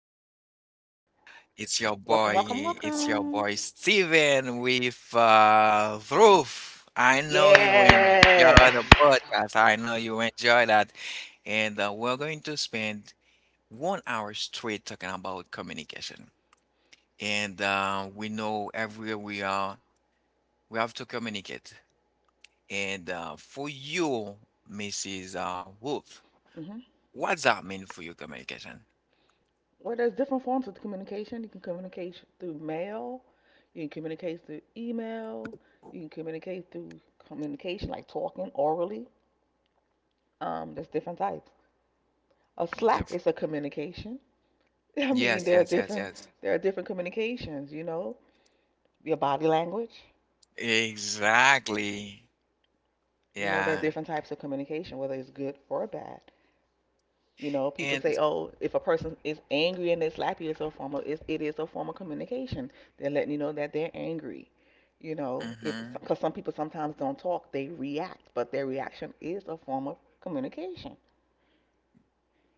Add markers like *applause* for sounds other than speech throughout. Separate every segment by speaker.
Speaker 1: podcast today.
Speaker 2: Welcome,
Speaker 1: It's
Speaker 2: welcome,
Speaker 1: your boy, it's
Speaker 2: welcome.
Speaker 1: your boy Steven with Roof. I know you enjoy
Speaker 2: Yes.
Speaker 1: the podcast. I know you enjoy that, and we're going to spend 1 hour straight talking about communication. And we know everywhere we are, we have to communicate. And for you, Mrs. Wolf.
Speaker 2: Hmm.
Speaker 1: What's that mean for your communication?
Speaker 2: Well, there's different forms of communication. You can communicate through mail. You can communicate through email. You can communicate through communication, like talking orally. There's different types. A
Speaker 1: The
Speaker 2: slap
Speaker 1: f-
Speaker 2: is a communication. *laughs* I mean,
Speaker 1: yes,
Speaker 2: there are
Speaker 1: yes, yes,
Speaker 2: different
Speaker 1: yes.
Speaker 2: communications. Your body language.
Speaker 1: Exactly.
Speaker 2: There are
Speaker 1: Yeah.
Speaker 2: different types of communication, whether it's good or bad. You know, people say,
Speaker 1: And
Speaker 2: "Oh, if a person is angry and they slap you, it is a form of communication. They're letting you know that they're angry." If
Speaker 1: mhm,
Speaker 2: because some people sometimes don't talk, they react, but their reaction is a form of communication.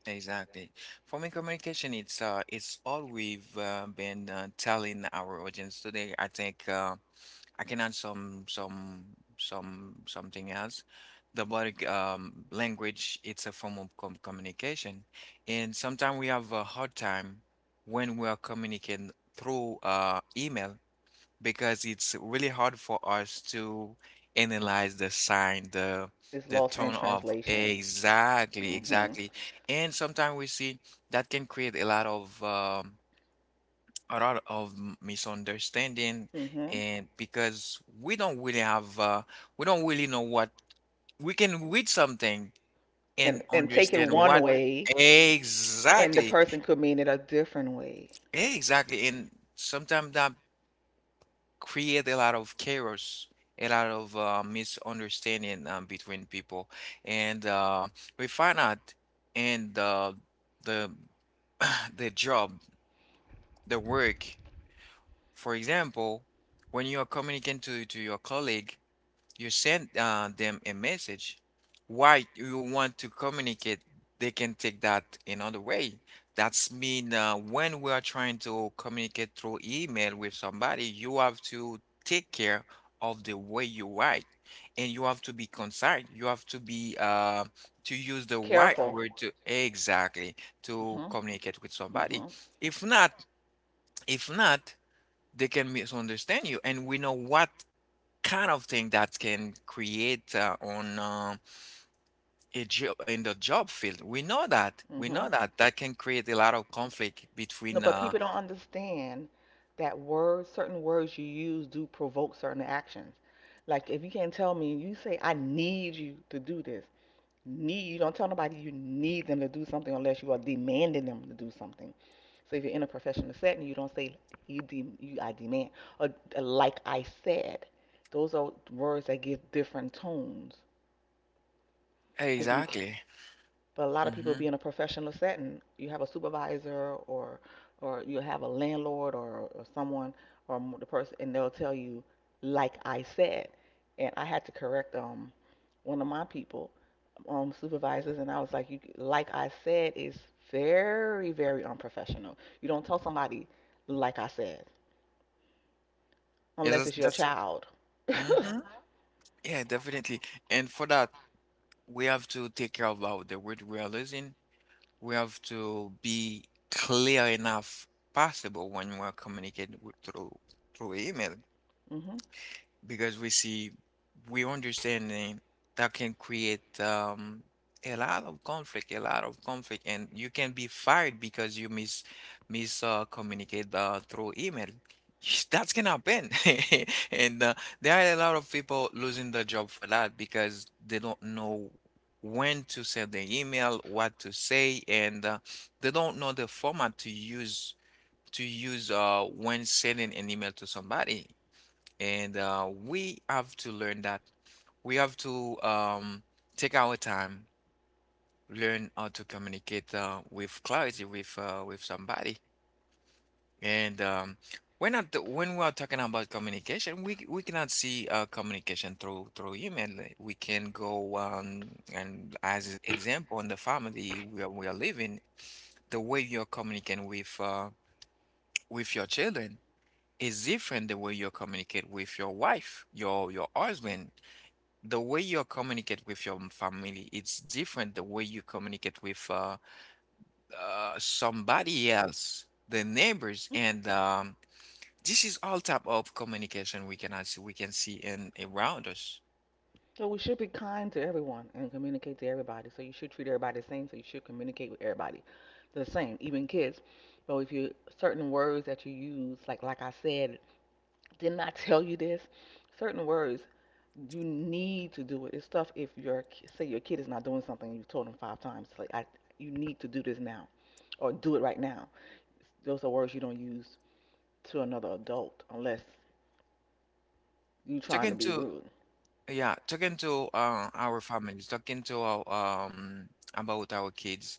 Speaker 1: exactly. For me, communication it's all we've been telling our audience today. I think I can add something else. The body language, it's a form of communication, and sometimes we have a hard time when we are communicating through email, because it's really hard for us to analyze the sign, the
Speaker 2: It's
Speaker 1: the
Speaker 2: lost in
Speaker 1: tone of,
Speaker 2: translation.
Speaker 1: exactly,
Speaker 2: Mm, mhm.
Speaker 1: exactly. And sometimes we see that can create a lot of misunderstanding,
Speaker 2: Mm, mhm.
Speaker 1: and because we don't really know what, we can read something and
Speaker 2: And take it
Speaker 1: understand
Speaker 2: one
Speaker 1: what,
Speaker 2: way, and the
Speaker 1: exactly,
Speaker 2: person could mean it a different way.
Speaker 1: exactly, and sometimes that create a lot of chaos, a lot of misunderstanding between people, and we find out in the *clears throat* the job, the work. For example, when you are communicating to your colleague, you send them a message. Why you want to communicate, they can take that another way. That's mean when we are trying to communicate through email with somebody, you have to take care of the way you write, and you have to be concise, you have to be, to use the right
Speaker 2: Careful.
Speaker 1: word, to exactly
Speaker 2: Mm,
Speaker 1: to
Speaker 2: mhm.
Speaker 1: communicate with
Speaker 2: Mm,
Speaker 1: somebody.
Speaker 2: mhm.
Speaker 1: If not if not, they can misunderstand you, and we know what kind of thing that can create on, a job, in the job field. We know that.
Speaker 2: Mm,
Speaker 1: We know
Speaker 2: mhm.
Speaker 1: that that can create a lot of conflict
Speaker 2: No,
Speaker 1: between.
Speaker 2: but people don't understand that words, certain words you use, do provoke certain actions. Like if you can't tell me, you say I need you to do this. Need you don't tell nobody you need them to do something unless you are demanding them to do something. So if you're in a professional setting, you don't say you I demand or like I said. Those are words that give different tones. So you to be,
Speaker 1: Exactly.
Speaker 2: but a lot of people
Speaker 1: Mm-hmm.
Speaker 2: be in a professional setting. You have a supervisor or you have a landlord or someone or the person, and they'll tell you like I said. And I had to correct one of my people, supervisors, and I was like, you, like I said, it's very, very unprofessional. You don't tell somebody, like I said,
Speaker 1: Yeah,
Speaker 2: unless
Speaker 1: that's,
Speaker 2: it's your
Speaker 1: that's
Speaker 2: child. *laughs*
Speaker 1: mm-hmm. Yeah, definitely. And for that, we have to take care about the word we are using. We have to be clear enough possible when we're communicating with- through email.
Speaker 2: Hmm.
Speaker 1: Because we see, we understanding, that can create a lot of conflict, a lot of conflict, and you can be fired because you mis mis communicate through email. *laughs* That's can happen, *laughs* and there are a lot of people losing their job for that, because they don't know when to send the email, what to say, and they don't know the format to use when sending an email to somebody. And we have to learn that, we have to take our time, learn how to communicate with clarity, with somebody. And we're not, when we are talking about communication, we cannot see communication through email. Like, we can go and, as example, in the family where we are living, the way you're communicating with your children is different the way you communicate with your wife, your husband. The way you communicate with your family it's different the way you communicate with somebody else, the neighbors, and this is all type of communication we can see in, around us.
Speaker 2: So we should be kind to everyone and communicate to everybody. So you should treat everybody the same. So you should communicate with everybody the same, even kids. So if you certain words that you use, like I said, didn't I tell you this? Certain words you need to do it. It's tough if your say your kid is not doing something and you've told them five times. You need to do this now or do it right now. Those are words you don't use to another adult unless you're trying to
Speaker 1: Talking
Speaker 2: be
Speaker 1: to,
Speaker 2: rude.
Speaker 1: yeah, talking to our families, talking to our about our kids.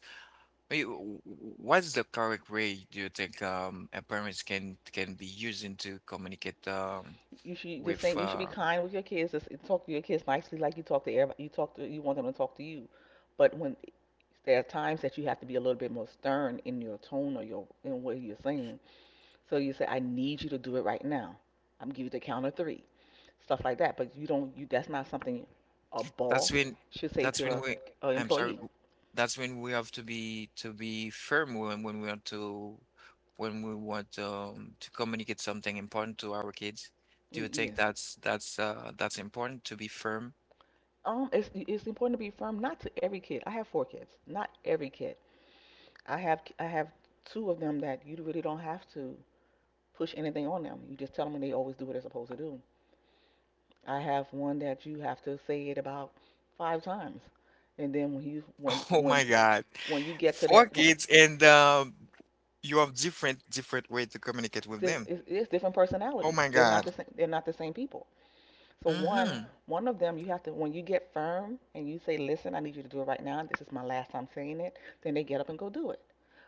Speaker 1: Wait, what's the correct way, do you think, a parents can be using to communicate
Speaker 2: You should just
Speaker 1: with
Speaker 2: same. You should be kind with your kids. Just talk to your kids nicely, like you talk to everybody. You talk to you want them to talk to you, but when there are times that you have to be a little bit more stern in your tone or your in what you're saying. So you say, I need you to do it right now. I'm giving you the count of three. Stuff like that. But you don't. You that's not something a
Speaker 1: That's
Speaker 2: boss
Speaker 1: when
Speaker 2: should say
Speaker 1: that's when
Speaker 2: to
Speaker 1: we
Speaker 2: an
Speaker 1: I'm sorry,
Speaker 2: employee.
Speaker 1: that's when we have to be, firm, when we want to communicate something important to our kids. Do you think
Speaker 2: Yes.
Speaker 1: that's, that's important to be firm?
Speaker 2: It's important to be firm. Not to every kid. I have four kids. Not every kid. I have two of them that you really don't have to push anything on them. You just tell them and they always do what they're supposed to do. I have one that you have to say it about five times, and then when you when
Speaker 1: *laughs* Oh
Speaker 2: when
Speaker 1: my God.
Speaker 2: when you get to
Speaker 1: Four
Speaker 2: that, when,
Speaker 1: kids, and you have different way to communicate with
Speaker 2: it's,
Speaker 1: them.
Speaker 2: it's different
Speaker 1: Oh
Speaker 2: personalities.
Speaker 1: my
Speaker 2: They're not
Speaker 1: God.
Speaker 2: the same. They're not the same people. So one,
Speaker 1: Hmm.
Speaker 2: one of them, you have to, when you get firm and you say, listen, I need you to do it right now, and this is my last time saying it, then they get up and go do it.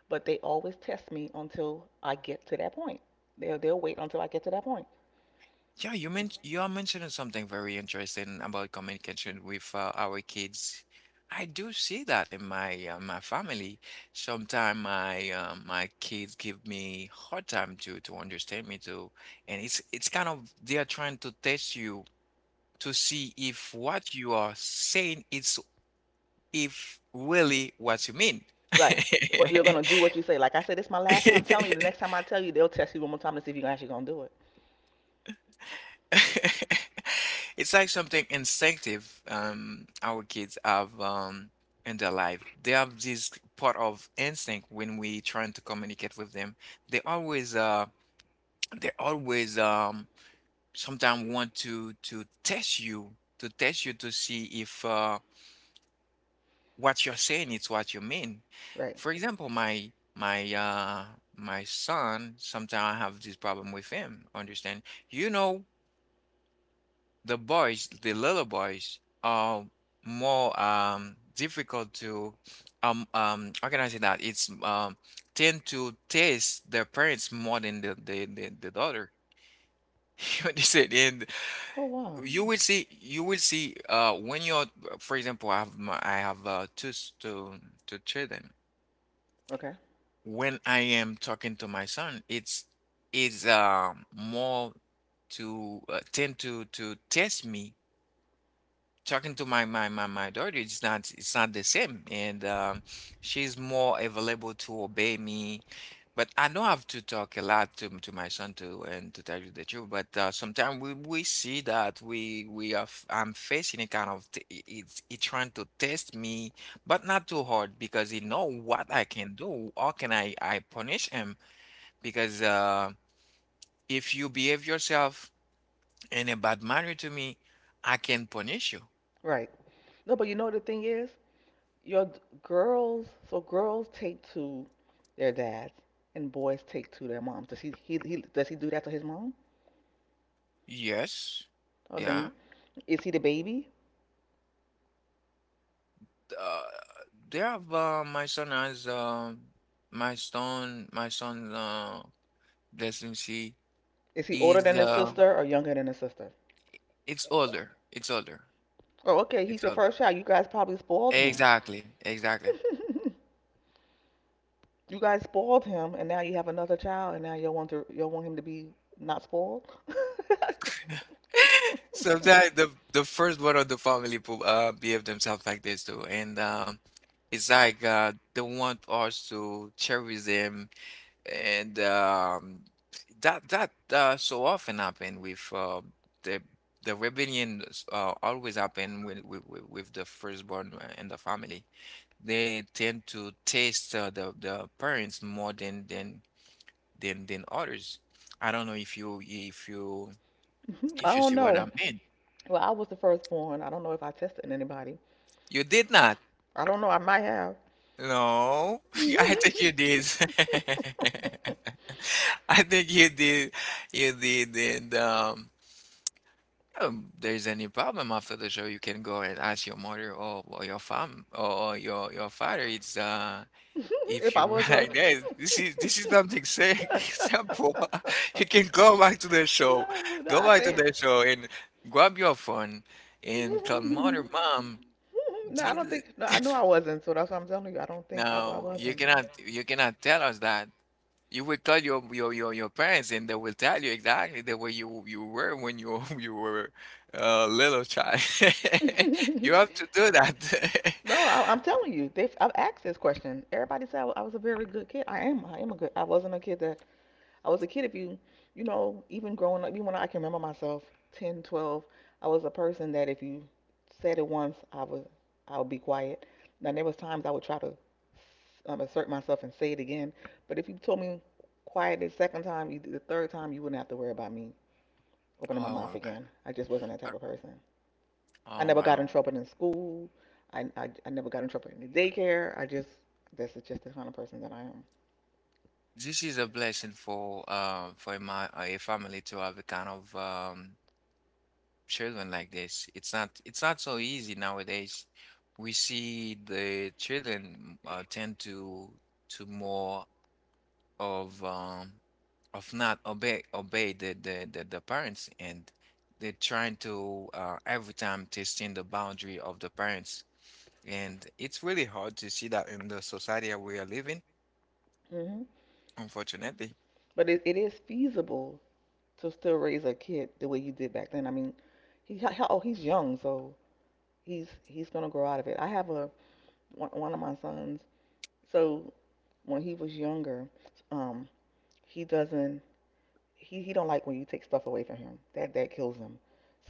Speaker 2: But they always test me until I get to that point. They'll wait until I get to that point.
Speaker 1: Yeah, you are mentioning something very interesting about communication with our kids. I do see that in my family. Sometimes my kids give me hard time to understand me too, and it's kind of, they are trying to test you to see if what you are saying is, if really what you mean.
Speaker 2: Right. You're gonna do what you say. Like I said, it's my last time telling you. The next
Speaker 1: *laughs*
Speaker 2: time I tell you, they'll test you one more time to see if you're actually gonna do it.
Speaker 1: *laughs* It's like something instinctive, our kids have in their life. They have this part of instinct when we trying to communicate with them. They always uh, they always sometimes want to test you, to see if what you're saying is what you mean.
Speaker 2: Right.
Speaker 1: For example, my son, sometimes I have this problem with him. Understand? You know, the boys, the little boys, are more difficult to, how can I say that? It's tend to taste their parents more than the daughter. *laughs* You understand? And
Speaker 2: Oh wow.
Speaker 1: you will see when you're, for example, I have two s- two two children.
Speaker 2: Okay.
Speaker 1: When I am talking to my son, it's, more to, tend to test me. Talking to my my my, my daughter, it's not, it's not the same, and she's more available to obey me, but I know I have to talk a lot to my son, to and to tell you the truth. But sometimes we see that I'm facing a kind of, it's it trying to test me, but not too hard, because he know what I can do. How can I punish him? Because if you behave yourself in a bad manner to me, I can punish you.
Speaker 2: Right. No, but you know what the thing is, your girls. So girls take to their dads, and boys take to their moms. Does he do that to his mom?
Speaker 1: Yes.
Speaker 2: Oh, dang.
Speaker 1: Yeah.
Speaker 2: Is he the baby?
Speaker 1: Uh, they have my son has, my son let him see.
Speaker 2: Is he older
Speaker 1: He's
Speaker 2: than his sister or younger than his sister?
Speaker 1: it's older it's older
Speaker 2: Oh, okay. He's
Speaker 1: it's
Speaker 2: your
Speaker 1: older
Speaker 2: first child. You guys probably spoiled him.
Speaker 1: Exactly, exactly.
Speaker 2: *laughs* You guys spoiled him, and now you have another child, and now you want him to be not spoiled. *laughs*
Speaker 1: *laughs* Sometimes the first one of the family behave themselves like this too, and it's like, they want us to cherish them. And that so often happen with the the rebellion, always happen with the firstborn in the family. They tend to taste the parents more than others. I don't know if you,
Speaker 2: I
Speaker 1: if you
Speaker 2: don't
Speaker 1: see what I
Speaker 2: know.
Speaker 1: mean.
Speaker 2: Well, I was the firstborn. I don't know if I tested anybody.
Speaker 1: You did not.
Speaker 2: I don't know. I might have.
Speaker 1: No, *laughs* I think
Speaker 2: *laughs*
Speaker 1: you did. *laughs* I think you did. You did, and there's any problem after the show, you can go and ask your mother or your or your father. It's if
Speaker 2: If
Speaker 1: you *laughs*
Speaker 2: I
Speaker 1: were
Speaker 2: was a.
Speaker 1: like that, this is, something saying, *laughs* simple. *laughs*
Speaker 2: *laughs*
Speaker 1: You can go back to the show,
Speaker 2: No, no, I think.
Speaker 1: and grab your phone, and tell mother, mom,
Speaker 2: *laughs* No, I
Speaker 1: did.
Speaker 2: don't think. No, I knew
Speaker 1: *laughs*
Speaker 2: I wasn't. So that's why I'm telling you. I don't think I
Speaker 1: Now you
Speaker 2: wasn't.
Speaker 1: cannot you cannot tell us that you will call your parents, and they will tell you exactly the way you were when you *laughs* you were a little child. *laughs* You
Speaker 2: *laughs*
Speaker 1: have to do that. *laughs*
Speaker 2: No, I'm telling you. I've asked this question. Everybody said I was a very good kid. I am. I am a good. I wasn't a kid that. I was a kid. If you, you know, even growing up, even when I can remember myself, 10, 12, I was a person that if you said it once, I would be quiet. Now there was times I would try to assert myself and say it again. But if you told me quiet the second time, the third time, you wouldn't have to worry about me opening my
Speaker 1: Oh,
Speaker 2: mouth again. I just wasn't that
Speaker 1: uh,
Speaker 2: type of person. I
Speaker 1: oh,
Speaker 2: never got
Speaker 1: wow.
Speaker 2: in trouble in school. I never got in trouble in the daycare. That's just the kind of person that I am.
Speaker 1: This is a blessing for my a family, to have a kind of children like this. It's not so easy nowadays. We see the children tend to more of, of not, obey the parents, and they're trying to, every time testing the boundary of the parents, and it's really hard to see that in the society that we are living,
Speaker 2: Mm hmm.
Speaker 1: unfortunately.
Speaker 2: But it is feasible to still raise a kid the way you did back then. I mean, oh he's young, so he's gonna grow out of it. I have a one one of my sons. So when he was younger, um, he doesn't he don't like when you take stuff away from him. That kills him.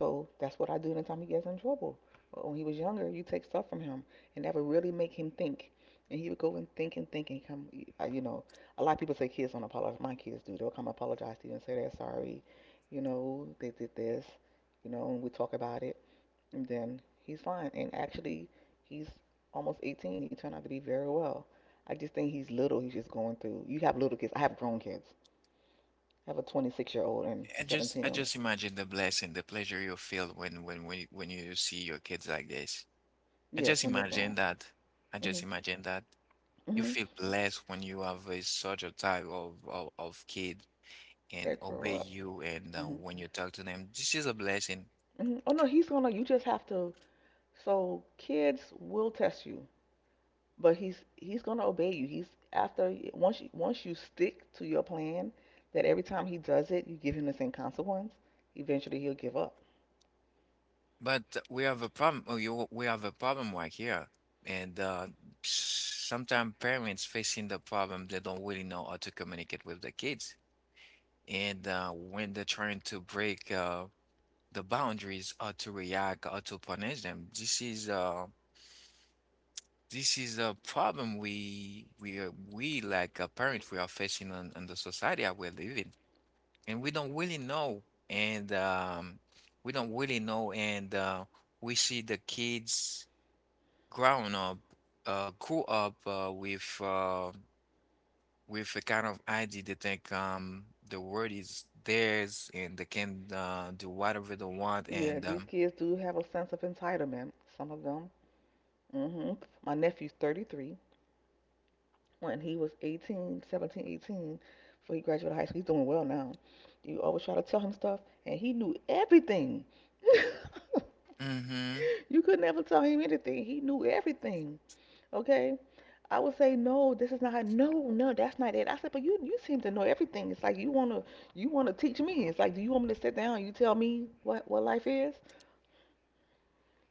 Speaker 2: So that's what I do anytime he gets in trouble. But when he was younger, you take stuff from him, and that would really make him think. And he would go and think and think and come. uh, You know, a lot of people say kids don't apologize. My kids do. They'll come apologize to you and say they're sorry. They did this. And we talk about it, and then he's fine. And actually, he's almost 18. He turned out to be very well. I just think he's little. He's just going through. You have little kids. I have grown kids. I have a 26-year-old and
Speaker 1: I just I
Speaker 2: 17.
Speaker 1: just imagine the blessing, the pleasure you feel, when when you see your kids like this. I
Speaker 2: Yes,
Speaker 1: just
Speaker 2: when they're
Speaker 1: imagine
Speaker 2: grown.
Speaker 1: that. I
Speaker 2: Hmm.
Speaker 1: just imagine that. You
Speaker 2: Hmm.
Speaker 1: feel blessed when you have such a type of, of kid, and
Speaker 2: That
Speaker 1: obey
Speaker 2: grow up.
Speaker 1: you, and
Speaker 2: Hmm.
Speaker 1: when you talk to them, this is a blessing.
Speaker 2: Hmm. Oh no, he's gonna. You just have to. So kids will test you, but he's gonna obey you. He's after once you stick to your plan that every time he does it, you give him the same consequence. Eventually, he'll give up.
Speaker 1: But we have a problem right here. And sometimes parents facing the problem, they don't really know how to communicate with the kids. And when they're trying to break the boundaries, or to react, or to punish them, this is, this is a problem we, like a parent, we are facing on the society that we're living. And we don't really know, and we don't really know, and we see the kids growing up, grew up with a kind of idea. They think the world is theirs, and they can do whatever they want,
Speaker 2: Yeah,
Speaker 1: and
Speaker 2: these kids do have a sense of entitlement. Some of them. Hmm. My nephew's 33. When he was 18, 17, 18, before he graduated high school. He's doing well now. You always try to tell him stuff, and he knew everything. *laughs*
Speaker 1: mm-hmm,
Speaker 2: You could never tell him anything. He knew everything. Okay? I would say, no, this is not how, no, no, that's not it. I said, but you seem to know everything. It's like you wanna teach me. It's like, do you want me to sit down? And you tell me what life is,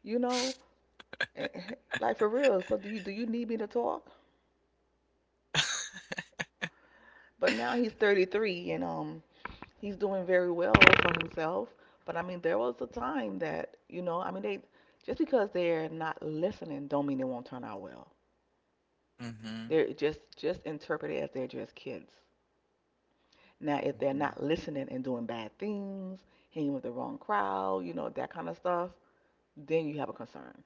Speaker 2: you know, *laughs* Eh, like for real. So do you need me to talk? But now he's 33, and he's doing very well for himself. But I mean, there was a time that I mean, they just because they're not listening, don't mean they won't turn out well.
Speaker 1: mm-hmm,
Speaker 2: They're just interpreted as they're just kids. Now, if they're
Speaker 1: hmm.
Speaker 2: not listening and doing bad things, hanging with the wrong crowd, that kind of stuff, then you have a concern.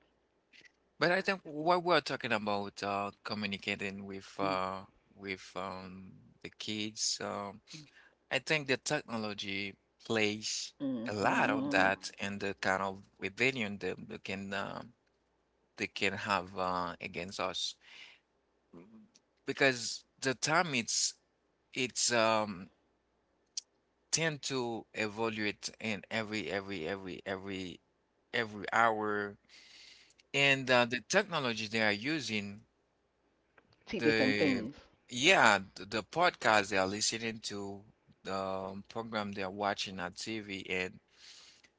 Speaker 1: But I think what we're talking about, communicating with with um, the kids. I think the technology plays a lot on
Speaker 2: Mm-hmm. Hmm.
Speaker 1: that and the kind of rebellion that they can have against us. Mm, because the time it's tend to evaluate in every hour, and the technology they are using,
Speaker 2: Teaches them
Speaker 1: the
Speaker 2: things.
Speaker 1: the podcast they are listening to, the program they are watching on TV, and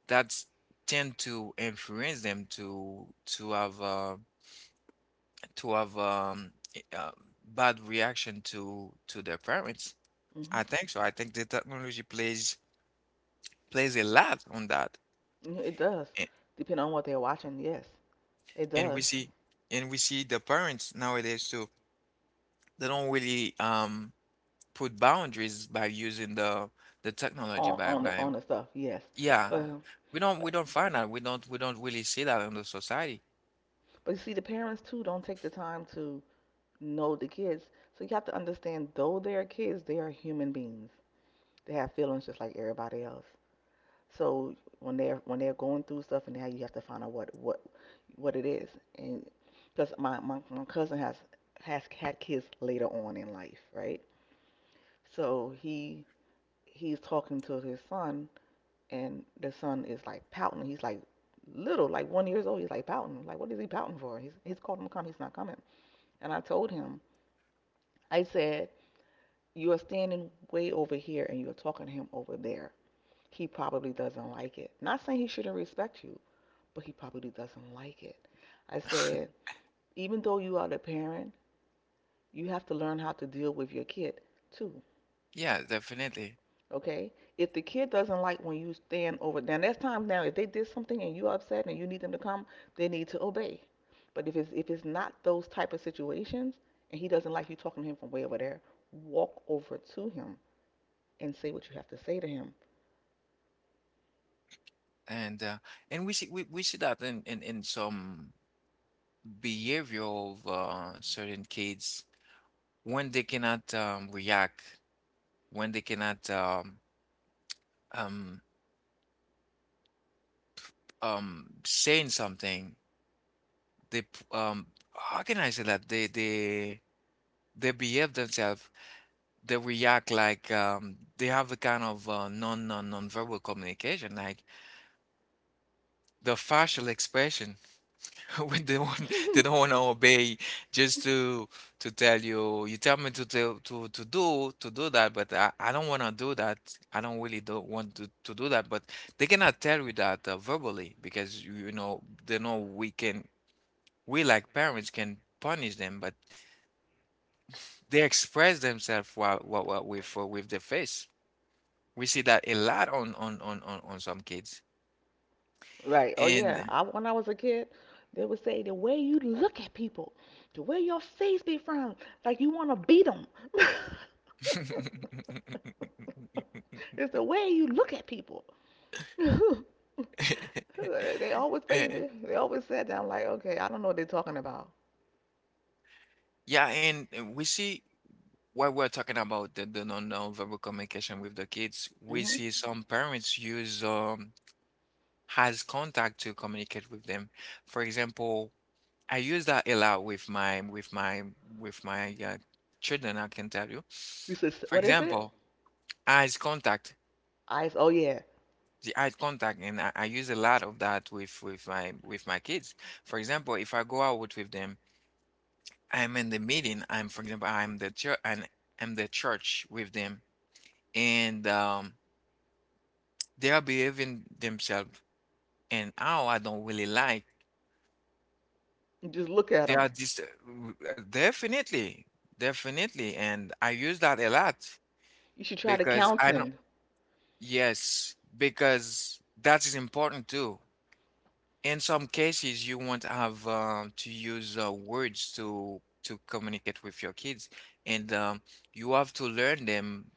Speaker 1: that's tend to influence them to have to have bad reaction to their parents.
Speaker 2: Mm-hmm.
Speaker 1: I think so. I think the technology plays a lot on that,
Speaker 2: Yeah, it does.
Speaker 1: and,
Speaker 2: Depending on what they're watching, yes, it
Speaker 1: and
Speaker 2: does.
Speaker 1: we see, and we see the parents nowadays too. They don't really put boundaries by using the technology
Speaker 2: On
Speaker 1: by
Speaker 2: on the
Speaker 1: by
Speaker 2: on the stuff, yes.
Speaker 1: Yeah.
Speaker 2: But
Speaker 1: We don't find that, we don't really see that in the society.
Speaker 2: But you see, the parents too don't take the time to know the kids. So you have to understand, though they are kids, they are human beings. They have feelings just like everybody else. So when they're going through stuff, and now you have to find out what it is. And because my cousin has had kids later on in life, right? So he's talking to his son, and the son is like pouting. He's like little, like 1 years old. He's like pouting. Like what is he pouting for? He's called him to come. He's not coming. And I told him, I said, "You are standing way over here and you're talking to him over there. He probably doesn't like it. Not saying he shouldn't respect you, but he probably doesn't like it." I said, "Even though you are the parent, you have to learn how to deal with your kid too."
Speaker 1: Yeah, definitely.
Speaker 2: Okay? If the kid doesn't like when you stand over, now that's times, now if they did something and you're upset and you need them to come, they need to obey. But if it's not those type of situations and he doesn't like you talking to him from way over there, walk over to him and say what you have to say to him.
Speaker 1: And uh, and we see, we see that in some behavior of certain kids, when they cannot react, when they cannot um, saying something, they p- um, how can I say that they behave themselves, they react like they have a kind of non verbal communication, like the facial expression. *laughs* When they want they don't want to obey, just to tell you, you tell me to do that, but I don't want to do that. I don't want to do that, but they cannot tell you that verbally because they know we can, we like parents can punish them, but they express themselves what with their face. We see that a lot on some kids.
Speaker 2: Right. Oh
Speaker 1: And
Speaker 2: yeah. I, when I was a kid, they would say the way you look at people, the way your face be from, like you want to beat them. *laughs* It's the way you look at people. *laughs* They always paid.
Speaker 1: *laughs* *laughs*
Speaker 2: They always said that. I'm like, okay, I don't know what they're talking about.
Speaker 1: Yeah, and we see what we're talking about, the non-verbal communication with the kids. We
Speaker 2: Hmm.
Speaker 1: see some parents use has contact to communicate with them. For example, I use that a lot with my with my with my children. I can tell you.
Speaker 2: You said,
Speaker 1: For
Speaker 2: what is it?
Speaker 1: example, eyes contact,
Speaker 2: Eyes. Oh yeah.
Speaker 1: the eye contact, and I use a lot of that with with my kids. For example, if I go out with them, I'm in the meeting. I'm, for example, I'm the church, and I'm the church with them, and they are behaving themselves and how I don't really like.
Speaker 2: You just look at
Speaker 1: They
Speaker 2: them.
Speaker 1: are just definitely, definitely, and I use that a lot
Speaker 2: You should try to
Speaker 1: because
Speaker 2: count
Speaker 1: I know,
Speaker 2: 'em.
Speaker 1: yes, because that is important too. In some cases, you won't have to use words to communicate with your kids, and you have to learn them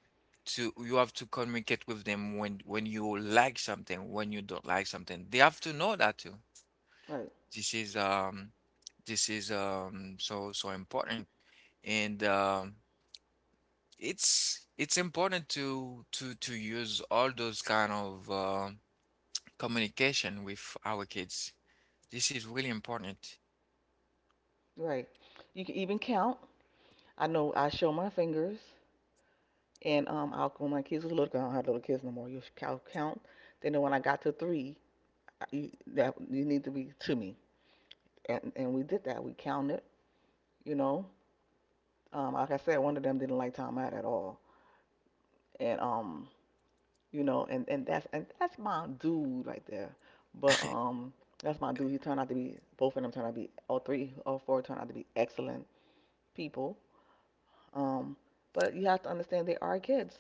Speaker 1: to you have to communicate with them when you like something, when you don't like something. They have to know that too.
Speaker 2: Right.
Speaker 1: This is um this is so so important, and it's important to use all those kind of communication with our kids. This is really important.
Speaker 2: Right. You can even count. I know. I show my fingers. And I'll, when my kids were little, 'cause I don't have little kids no more. You count, count. Then when I got to 3, you, that you need to be to me, and we did that. We counted. You know, like I said, one of them didn't like time out at all, and you know, and that's my dude right there. But that's my dude. He turned out to be, both of them turned out to be, all three, all four turned out to be excellent people. Um, but you have to understand they are kids.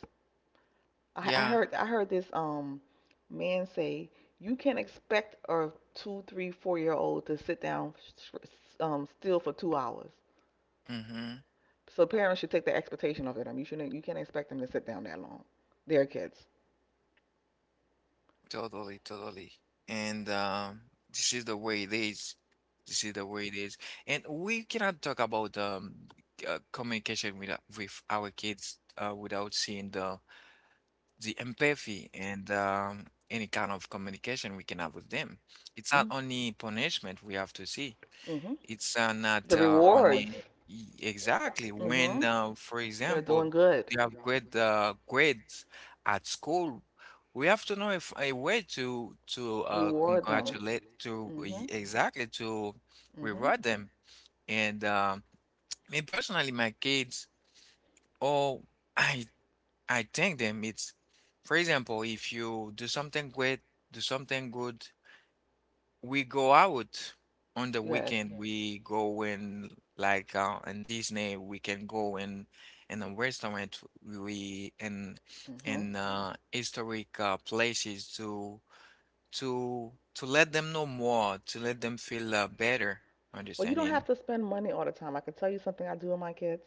Speaker 2: I, I
Speaker 1: Yeah.
Speaker 2: heard I heard this man say you can't expect a two, three, 4 year old to sit down still for 2 hours.
Speaker 1: Mm-hmm.
Speaker 2: So parents should take the expectation of them. You shouldn't, you can't expect them to sit down that long. Their kids.
Speaker 1: Totally, totally. And this is the way it is. This is the way it is. And we cannot talk about communication with our kids without seeing the empathy and any kind of communication we can have with them. It's not
Speaker 2: Mm,
Speaker 1: only punishment we have to see.
Speaker 2: hmm.
Speaker 1: It's not
Speaker 2: The rewards.
Speaker 1: only exactly when,
Speaker 2: Mm-hmm.
Speaker 1: for
Speaker 2: They're
Speaker 1: example,
Speaker 2: doing good.
Speaker 1: you have great grades at school. We have to know if a way to
Speaker 2: Reward them.
Speaker 1: congratulate,
Speaker 2: Mm-hmm.
Speaker 1: exactly to
Speaker 2: Mm-hmm.
Speaker 1: reward them. And me personally, my kids, oh, *laughs* I I thank them. It's, for example, if you do something great, do something good, we go out on the
Speaker 2: Yes.
Speaker 1: weekend. We go in like in Disney. We can go in a restaurant. We
Speaker 2: Mm-hmm.
Speaker 1: in historic places to let them know more, to let them feel better
Speaker 2: Well, you don't have
Speaker 1: understanding.
Speaker 2: to spend money all the time. I can tell you something I do with my kids.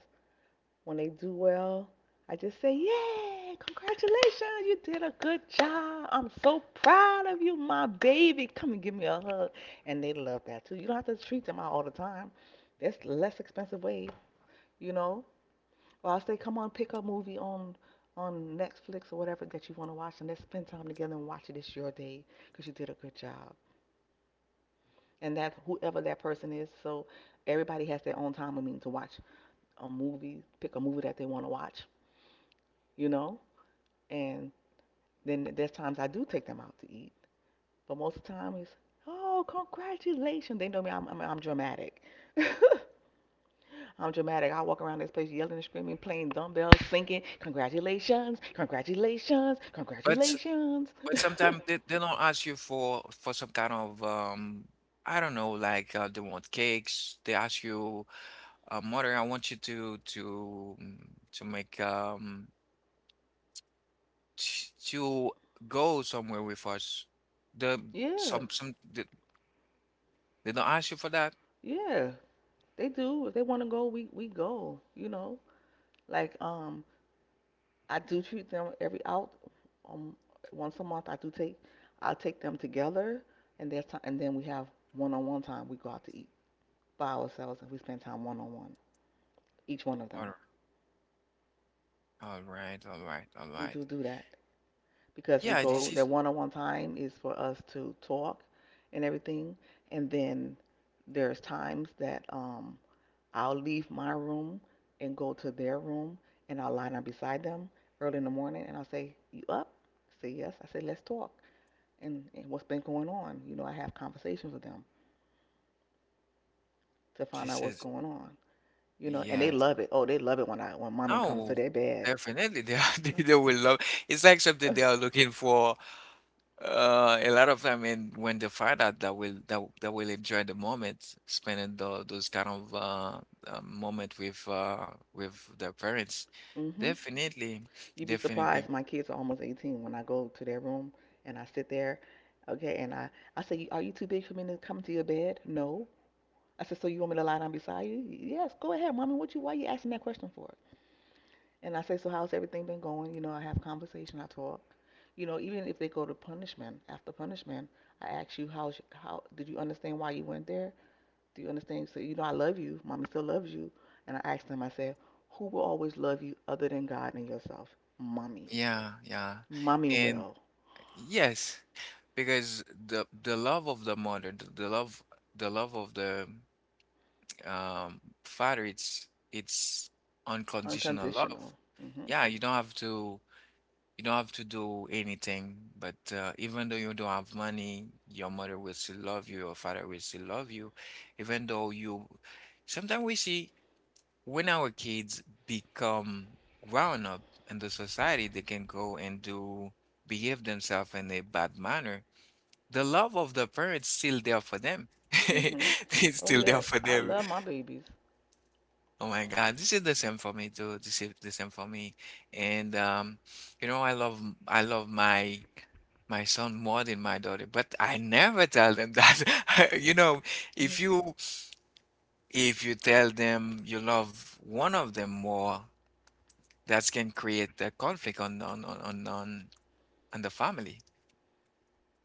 Speaker 2: When they do well, I just say, "Yay, congratulations, you did a good job. I'm so proud of you, my baby. Come and give me a hug." And they love that too. You don't have to treat them out all the time. That's a less expensive way, you know. Or I'll say, "Come on, pick a movie on Netflix or whatever that you want to watch and let's spend time together and watch it. It's your day because you did a good job." And that whoever that person is, so everybody has their own time. I mean, to watch a movie, pick a movie that they want to watch, you know. And then there's times I do take them out to eat, but most of the time it's, oh, congratulations. They know me. I'm dramatic. *laughs* I'm dramatic. I walk around this place yelling and screaming, playing dumbbells, singing, congratulations, congratulations,
Speaker 1: But
Speaker 2: congratulations. *laughs*
Speaker 1: but sometimes they don't ask you for some kind of I don't know, like they want cakes. They ask you, mother, I want you to make t- to go somewhere with us. The
Speaker 2: Yeah,
Speaker 1: some some they, they don't ask you for that.
Speaker 2: yeah. They do. If they want to go, we go. You know, like I do treat them every out um once a month. I do take, I'll take them together, and there's time, and then we have one-on-one time. We go out to eat by ourselves and we spend time one on one, each one of them.
Speaker 1: All, all right, all right, all
Speaker 2: We
Speaker 1: right.
Speaker 2: do do that because we
Speaker 1: Yeah,
Speaker 2: go, that one on one time is for us to talk and everything. And then there's times that I'll leave my room and go to their room and I'll line up beside them early in the morning and I'll say, "You up?" I say yes. I say, "Let's talk. And what's been going on?" You know, I have conversations with them to find out
Speaker 1: this
Speaker 2: what's
Speaker 1: is
Speaker 2: going on. You know, and they
Speaker 1: Yes.
Speaker 2: love it. Oh, they love it when I when mommy comes to
Speaker 1: No,
Speaker 2: their bed.
Speaker 1: definitely they are, *laughs* they will love. It's like
Speaker 2: Uh,
Speaker 1: something
Speaker 2: uh,
Speaker 1: they are looking for. A lot of time, and when they find out that will that will enjoy the moment, spending the, those kind of moment with their parents,
Speaker 2: mhm.
Speaker 1: definitely,
Speaker 2: You'd be
Speaker 1: definitely.
Speaker 2: surprised. My kids are almost 18 when I go to their room and I sit there. Okay. And I say, "Are you too big for me to come to your bed?" No. I said, "So you want me to lie down beside you?" Yes. "Go ahead, mommy. What you, why you asking that question for?" And I say, "So how's everything been going?" You know, I have conversation. I talk. You know, even if they go to punishment, after punishment, I ask you, "How's, how did you understand why you went there? Do you understand? So, you know, I love you. Mommy still loves you." And I ask them, I say, "Who will always love you other than God and yourself?" Mommy.
Speaker 1: Yeah, yeah.
Speaker 2: Mommy
Speaker 1: And
Speaker 2: will.
Speaker 1: yes, because the love of the mother, the love, the love of the father, it's unconditional
Speaker 2: Unconditional.
Speaker 1: love.
Speaker 2: Mhm.
Speaker 1: Yeah, you don't have to, you don't have to do anything, but even though you don't have money, your mother will still love you, your father will still love you, even though you, sometimes we see when our kids become grown up in the society, they can go and do, behave themselves in a bad manner. The love of the parents still there for them. *laughs*
Speaker 2: Mhm.
Speaker 1: It's
Speaker 2: Oh
Speaker 1: still
Speaker 2: yes,
Speaker 1: there for
Speaker 2: I
Speaker 1: them.
Speaker 2: love my babies.
Speaker 1: Oh my God, this is the same for me too. This is the same for me. And you know, I love my my son more than my daughter, but I never tell them that. *laughs* You know,
Speaker 2: Mhm.
Speaker 1: if you, if you tell them you love one of them more, that can create a conflict on on the family.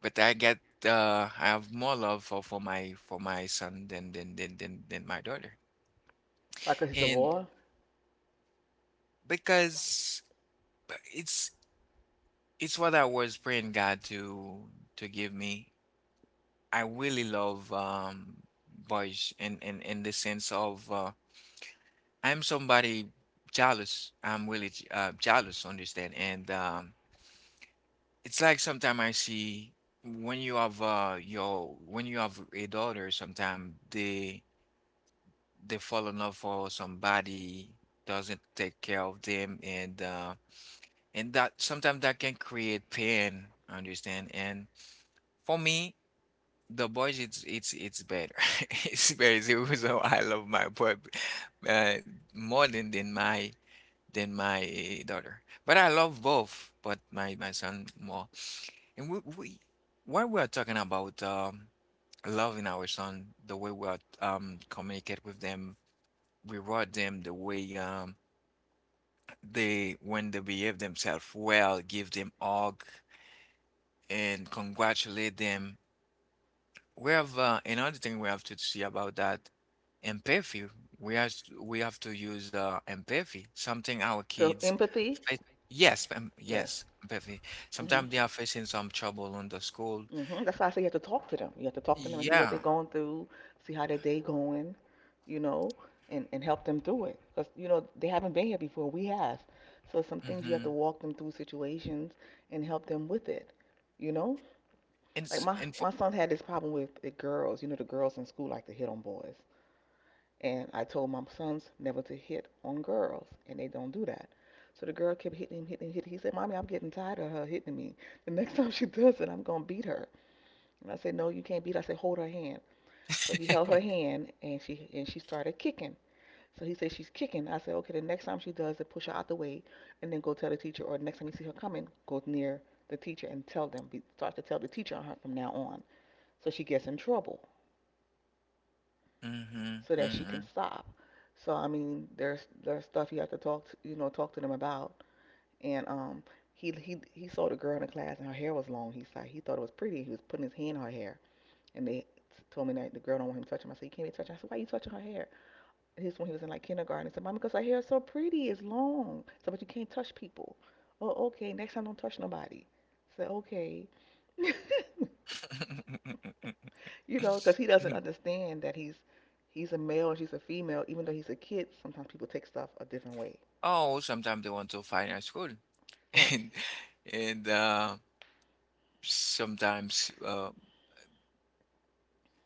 Speaker 1: But I get I have more love for for my son than than my daughter.
Speaker 2: Like 'cause he's a
Speaker 1: And
Speaker 2: boy.
Speaker 1: because, but it's what I was praying God to give me. I really love boys in the sense of I'm somebody jealous. I'm really jealous, understand? And it's like sometimes I see when you have you have a daughter, sometimes they fall in love for somebody doesn't take care of them, and that, sometimes that can create pain, understand? And for me, the boys it's better. *laughs* It's better. It's, I love my boy, uh, more than than my daughter. But I love both, but my son more. And we, when we are talking about loving our son, the way we are communicate with them, reward them, the way they, when they behave themselves well, give them hug and congratulate them. We have another thing we have to see about that, empathy. We have, we have to use empathy, something our
Speaker 2: The
Speaker 1: kids
Speaker 2: empathy.
Speaker 1: face. Yes,
Speaker 2: Yes.
Speaker 1: yes, empathy.
Speaker 2: Mhm.
Speaker 1: Sometimes they are facing some trouble on the school.
Speaker 2: Mhm. That's why I say you have to talk to them. You have to talk to them and see what they're
Speaker 1: Yeah.
Speaker 2: going through, see how their day going, you know, and help them through it. 'Cause you know they haven't been here before. We have. So some things you have to
Speaker 1: Mm-hmm.
Speaker 2: walk them through situations and help them with it. You know,
Speaker 1: And
Speaker 2: like
Speaker 1: it's
Speaker 2: my
Speaker 1: and
Speaker 2: my
Speaker 1: for,
Speaker 2: son had this problem with the girls. You know, the girls in school like to hit on boys. And I told my sons never to hit on girls, and they don't do that. So the girl kept hitting him, hitting him, hitting him. He said, "Mommy, I'm getting tired of her hitting me. The next *laughs* time she does it, I'm gonna beat her." And I said, "No, you can't beat her." I said, "Hold her hand." So he held her hand, and she started kicking. So he said, "She's kicking." I said, "Okay, the next time she does it, push her out the way, and then go tell the teacher. Or the next time you see her coming, go near the teacher and tell them. Be, start to tell the teacher on her from now on, so she gets in trouble,"
Speaker 1: mm-hmm,
Speaker 2: so that she can
Speaker 1: mm-hmm.
Speaker 2: stop. So I mean, there's stuff you have to talk to, you know, talk to them about. And he saw the girl in the class and her hair was long. He's like he thought it was pretty. He was putting his hand in her hair, and they told me that the girl don't want him touching. I said, "You can't be touching." I said, "Why are you touching her hair?" And this when he was in like kindergarten. He said, "Mama, because her hair is so pretty, it's long." "So but you can't touch people. Oh okay, next time don't touch nobody." I said okay. *laughs*
Speaker 1: *laughs*
Speaker 2: You know, because he doesn't understand that he's a male and she's a female. Even though he's a kid, sometimes people take stuff a different way.
Speaker 1: Oh, sometimes they want to fight at school, *laughs*
Speaker 2: Right.
Speaker 1: and and sometimes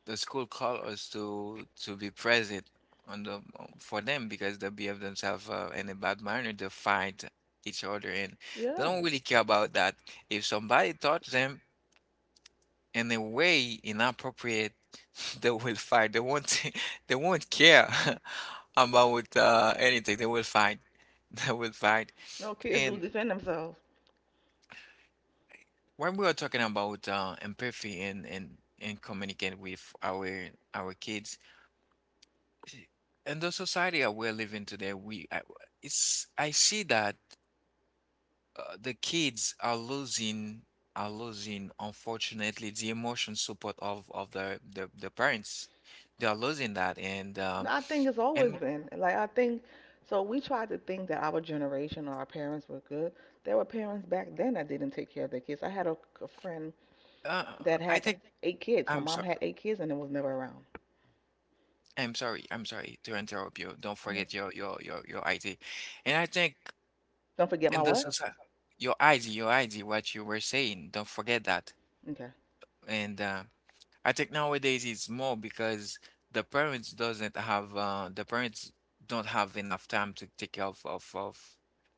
Speaker 1: the school call us to be present on the for them, because they behave themselves in a bad manner. They fight each other, and they
Speaker 2: Yeah.
Speaker 1: don't really care about that. If somebody touch them in a way inappropriate, *laughs* they will fight. They won't *laughs* they won't care *laughs* about anything. They will fight. *laughs* They will fight.
Speaker 2: No, kids do
Speaker 1: And
Speaker 2: defend themselves.
Speaker 1: when we are talking about empathy and and communicate with our kids, *clears throat* in the society that we're living today, we I, it's I see that the kids are losing, are losing unfortunately the emotion support of the parents. They are losing that,
Speaker 2: No, I think it's always
Speaker 1: and
Speaker 2: been like, I think. So we tried to think that our generation or our parents were good. There were parents back then that didn't take care of their kids. I had a friend
Speaker 1: uh,
Speaker 2: that
Speaker 1: I
Speaker 2: had
Speaker 1: think,
Speaker 2: 8 kids. Her
Speaker 1: I'm
Speaker 2: mom
Speaker 1: sorry.
Speaker 2: had 8 kids and it was never around.
Speaker 1: I'm sorry. I'm sorry to interrupt you. Don't
Speaker 2: Hmm.
Speaker 1: forget your ID, and I think
Speaker 2: Don't forget my
Speaker 1: in the
Speaker 2: what?
Speaker 1: society, your ID, your ID, what you were saying. Don't forget that,
Speaker 2: Okay.
Speaker 1: and. I think nowadays it's more because the parents doesn't have the parents don't have enough time to take care of of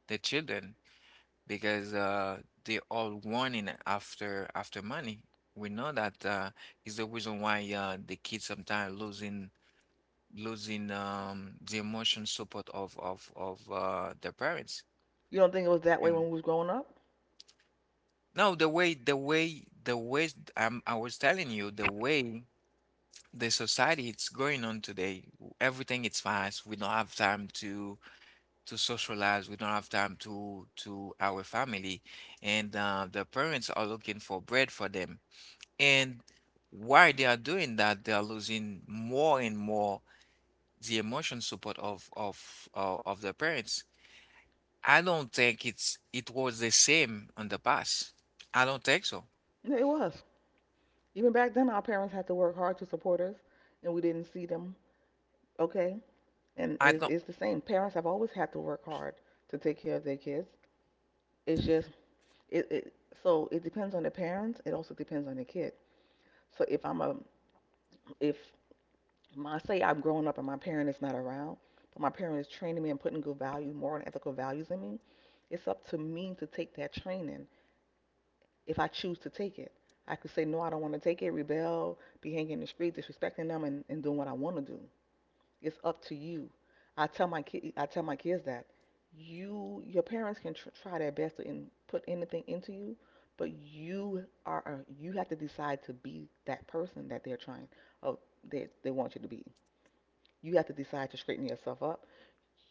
Speaker 1: the children because they all running after after money. We know that is the reason why the kids sometimes losing, losing the emotion support of the parents.
Speaker 2: You don't think it was that way when
Speaker 1: And
Speaker 2: we was growing up?
Speaker 1: no, the way the way I was telling you the way. The society it's going on today, everything it's fast, we don't have time to socialize, we don't have time to our family, and the parents are looking for bread for them, and while they are doing that, they are losing more and more the emotion support of of the parents. I don't think it's, it was the same on the past. I don't think so.
Speaker 2: Yeah, it was. Even back then, our parents had to work hard to support us, and we didn't see them. Okay, and
Speaker 1: I don't.
Speaker 2: it's the same. Parents have always had to work hard to take care of their kids. It's just it so it depends on the parents. It also depends on the kid. So if I'm a, if my, say I'm growing up and my parent is not around, but my parent is training me and putting good value, moral and ethical values in me, it's up to me to take that training if I choose to take it. I could say no, I don't want to take it, rebel, be hanging in the street, disrespecting them, and doing what I want to do. It's up to you. I tell my kids that you, your parents can try their best to in, put anything into you, but you are, you have to decide to be that person that they're trying, oh, they want you to be. You have to decide to straighten yourself up.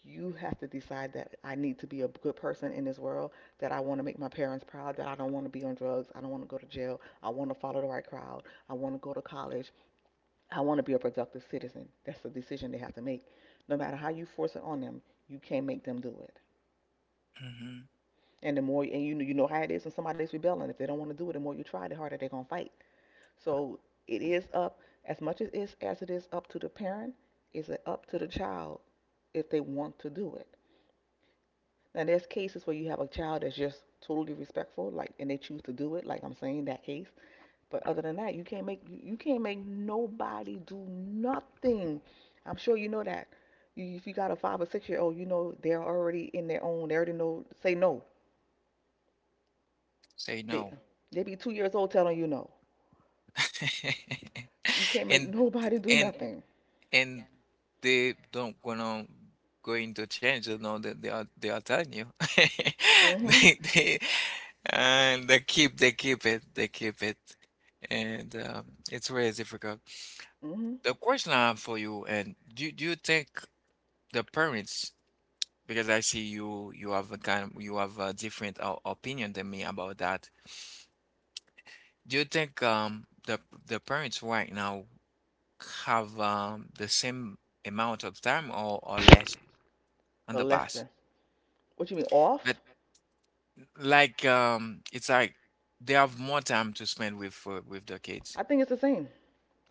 Speaker 2: You have to decide that I need to be a good person in this world, that I want to make my parents proud, that I don't want to be on drugs, I don't want to go to jail, I want to follow the right crowd, I want to go to college, I want to be a productive citizen. That's the decision they have to make. No matter how you force it on them, you can't make them do it.
Speaker 1: Mhm.
Speaker 2: And the more, and you know how it is when somebody's rebelling. If they don't want to do it, the more you try, the harder they're gonna fight. So it is up as much as is as it is up to the parent. Is it up to the child if they want to do it? Now there's cases where you have a child that's just totally respectful, like, and they choose to do it. Like I'm saying that case. But other than that, you can't make nobody do nothing. I'm sure you know that. You, if you got a 5 or 6 year old, you know they're already in their own. They already know say no.
Speaker 1: Say
Speaker 2: They
Speaker 1: no.
Speaker 2: they be 2 years old telling you no. You
Speaker 1: *laughs*
Speaker 2: can't make *laughs*
Speaker 1: and
Speaker 2: nobody do
Speaker 1: and
Speaker 2: nothing.
Speaker 1: and they don't gonna going to change, you know that they are telling you. *laughs*
Speaker 2: Mhm.
Speaker 1: They And they keep it. And it's very difficult.
Speaker 2: Mhm.
Speaker 1: The question I have for you, and do you think the parents, because I see you have a kind you have a different opinion than me about that. Do you think the parents right now have the same amount of time or less on
Speaker 2: Or
Speaker 1: the
Speaker 2: less
Speaker 1: past?
Speaker 2: than. What you mean
Speaker 1: But
Speaker 2: off?
Speaker 1: like, it's like they have more time to spend with the kids.
Speaker 2: I think it's the same.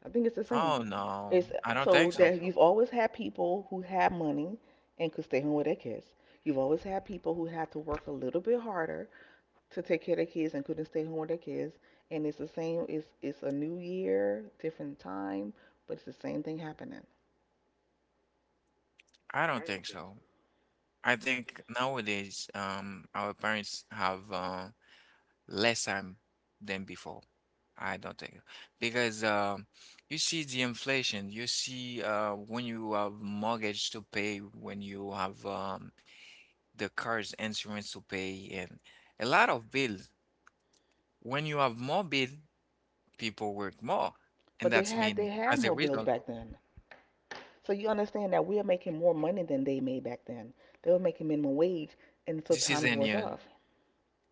Speaker 2: I think it's the same.
Speaker 1: Oh no,
Speaker 2: It's
Speaker 1: I don't
Speaker 2: so
Speaker 1: think so.
Speaker 2: that you've always had people who have money and could stay home with their kids. You've always had people who had to work a little bit harder to take care of their kids and couldn't stay home with their kids. And it's the same. It's a new year, different time, but it's the same thing happening.
Speaker 1: I don't think so. I think nowadays, our parents have less time than before. I don't think, because you see the inflation. You see when you have mortgage to pay, when you have the car's insurance to pay, and a lot of bills. When you have more bill, people work more. And
Speaker 2: But
Speaker 1: that's
Speaker 2: they
Speaker 1: mean,
Speaker 2: had
Speaker 1: as a
Speaker 2: more bills
Speaker 1: result,
Speaker 2: back then. So you understand that we are making more money than they made back then. They were making minimum wage, and so
Speaker 1: this is
Speaker 2: times
Speaker 1: a
Speaker 2: worth
Speaker 1: new.
Speaker 2: off.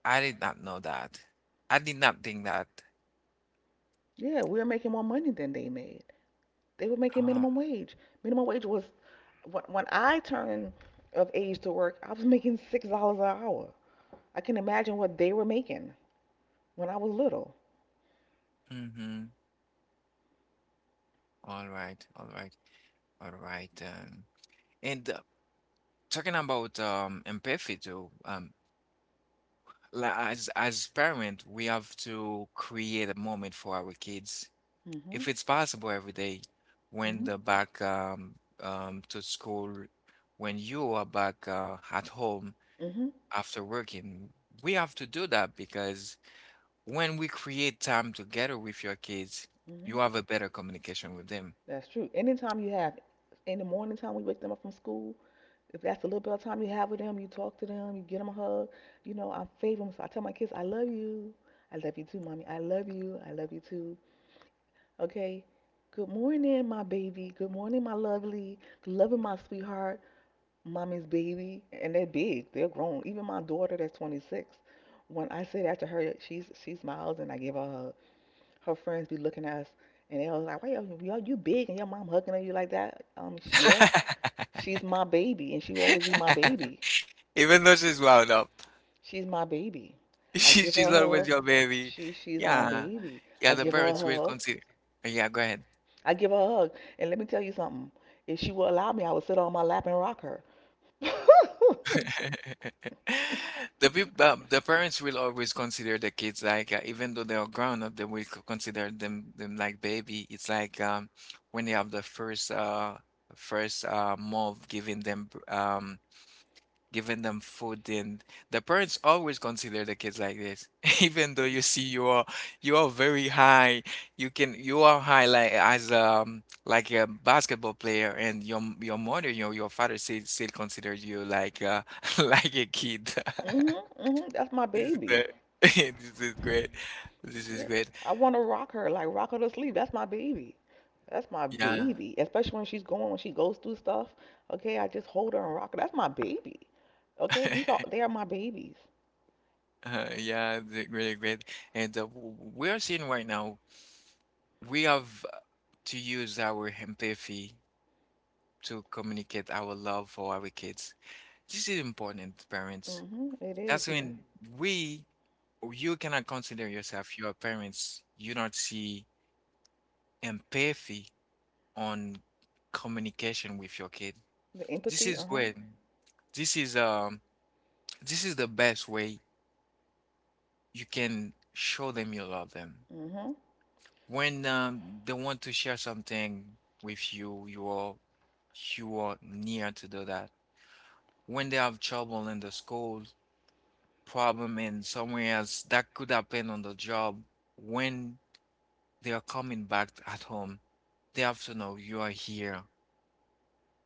Speaker 1: I did not know that. I did not think that.
Speaker 2: Yeah, we are making more money than they made. They were making
Speaker 1: Ah,
Speaker 2: minimum wage. Minimum wage was when I turned of age to work, I was making $6 an hour. I can imagine what they were making when I was little.
Speaker 1: mm-hmm. All right, all right, all right. And talking about empathy too, as parent, we have to create a moment for our kids,
Speaker 2: Mhm.
Speaker 1: if it's possible every day, when
Speaker 2: Mhm.
Speaker 1: they're back to school, when you are back at home
Speaker 2: Mhm.
Speaker 1: after working. We have to do that because when we create time together with your kids, you
Speaker 2: Hmm.
Speaker 1: have a better communication with them.
Speaker 2: That's true. Anytime you have in the morning time we wake them up from school, if that's a little bit of time you have with them, you talk to them, you get them a hug. You know, I'm favoring. So I tell my kids, I love you. I love you too, mommy. I love you. I love you too. Okay. Good morning, my baby. Good morning, my lovely. Loving my sweetheart, mommy's baby. And they're big. They're grown. Even my daughter, that's 26. When I say that to her, she smiles and I give her a hug. Her friends be looking at us, and they was like, "Why you big and your mom hugging on you like that?" She, yes, she's my baby, and she will always be my baby.
Speaker 1: Even though she's wound up,
Speaker 2: She's my baby.
Speaker 1: *laughs*
Speaker 2: I
Speaker 1: she,
Speaker 2: give her
Speaker 1: she's
Speaker 2: a
Speaker 1: always
Speaker 2: hug.
Speaker 1: your baby.
Speaker 2: She's my
Speaker 1: Yeah,
Speaker 2: baby. I
Speaker 1: yeah, the
Speaker 2: give her a
Speaker 1: parents will
Speaker 2: hug.
Speaker 1: consider. Yeah, go ahead.
Speaker 2: I give her a hug, and let me tell you something. If she would allow me, I would sit on my lap and rock her.
Speaker 1: *laughs* The people, the parents will always consider the kids like, even though they are grown up, they will consider them like baby. It's like when they have the first first month, giving giving them food, and the parents always consider the kids like this. *laughs* Even though you see you are very high, you are high like as like a basketball player, and your mother, your father still considers you like *laughs* like a kid.
Speaker 2: Mhm,
Speaker 1: *laughs*
Speaker 2: mhm. That's my
Speaker 1: this is
Speaker 2: baby.
Speaker 1: the- *laughs* this is great. This is
Speaker 2: Yeah,
Speaker 1: great.
Speaker 2: I want to rock her, like rock her to sleep. That's my baby. That's my
Speaker 1: Yeah.
Speaker 2: baby. Especially when she goes through stuff. Okay, I just hold her and rock her. That's my baby. Okay, these
Speaker 1: *laughs*
Speaker 2: are they are my babies.
Speaker 1: Yeah, really great. And we are seeing right now, we have to use our empathy to communicate our love for our kids. This is important, parents.
Speaker 2: Mhm. It
Speaker 1: That's
Speaker 2: is, yeah.
Speaker 1: when we, you cannot consider yourself your parents. You don't see empathy on communication with your kid.
Speaker 2: The
Speaker 1: This
Speaker 2: empathy,
Speaker 1: is
Speaker 2: uh-huh.
Speaker 1: when, this is This is the best way you can show them you love them.
Speaker 2: Mhm.
Speaker 1: When they want to share something with you, you are near to do that. When they have trouble in the school, problem in somewhere else that could happen on the job, when they are coming back at home, they have to know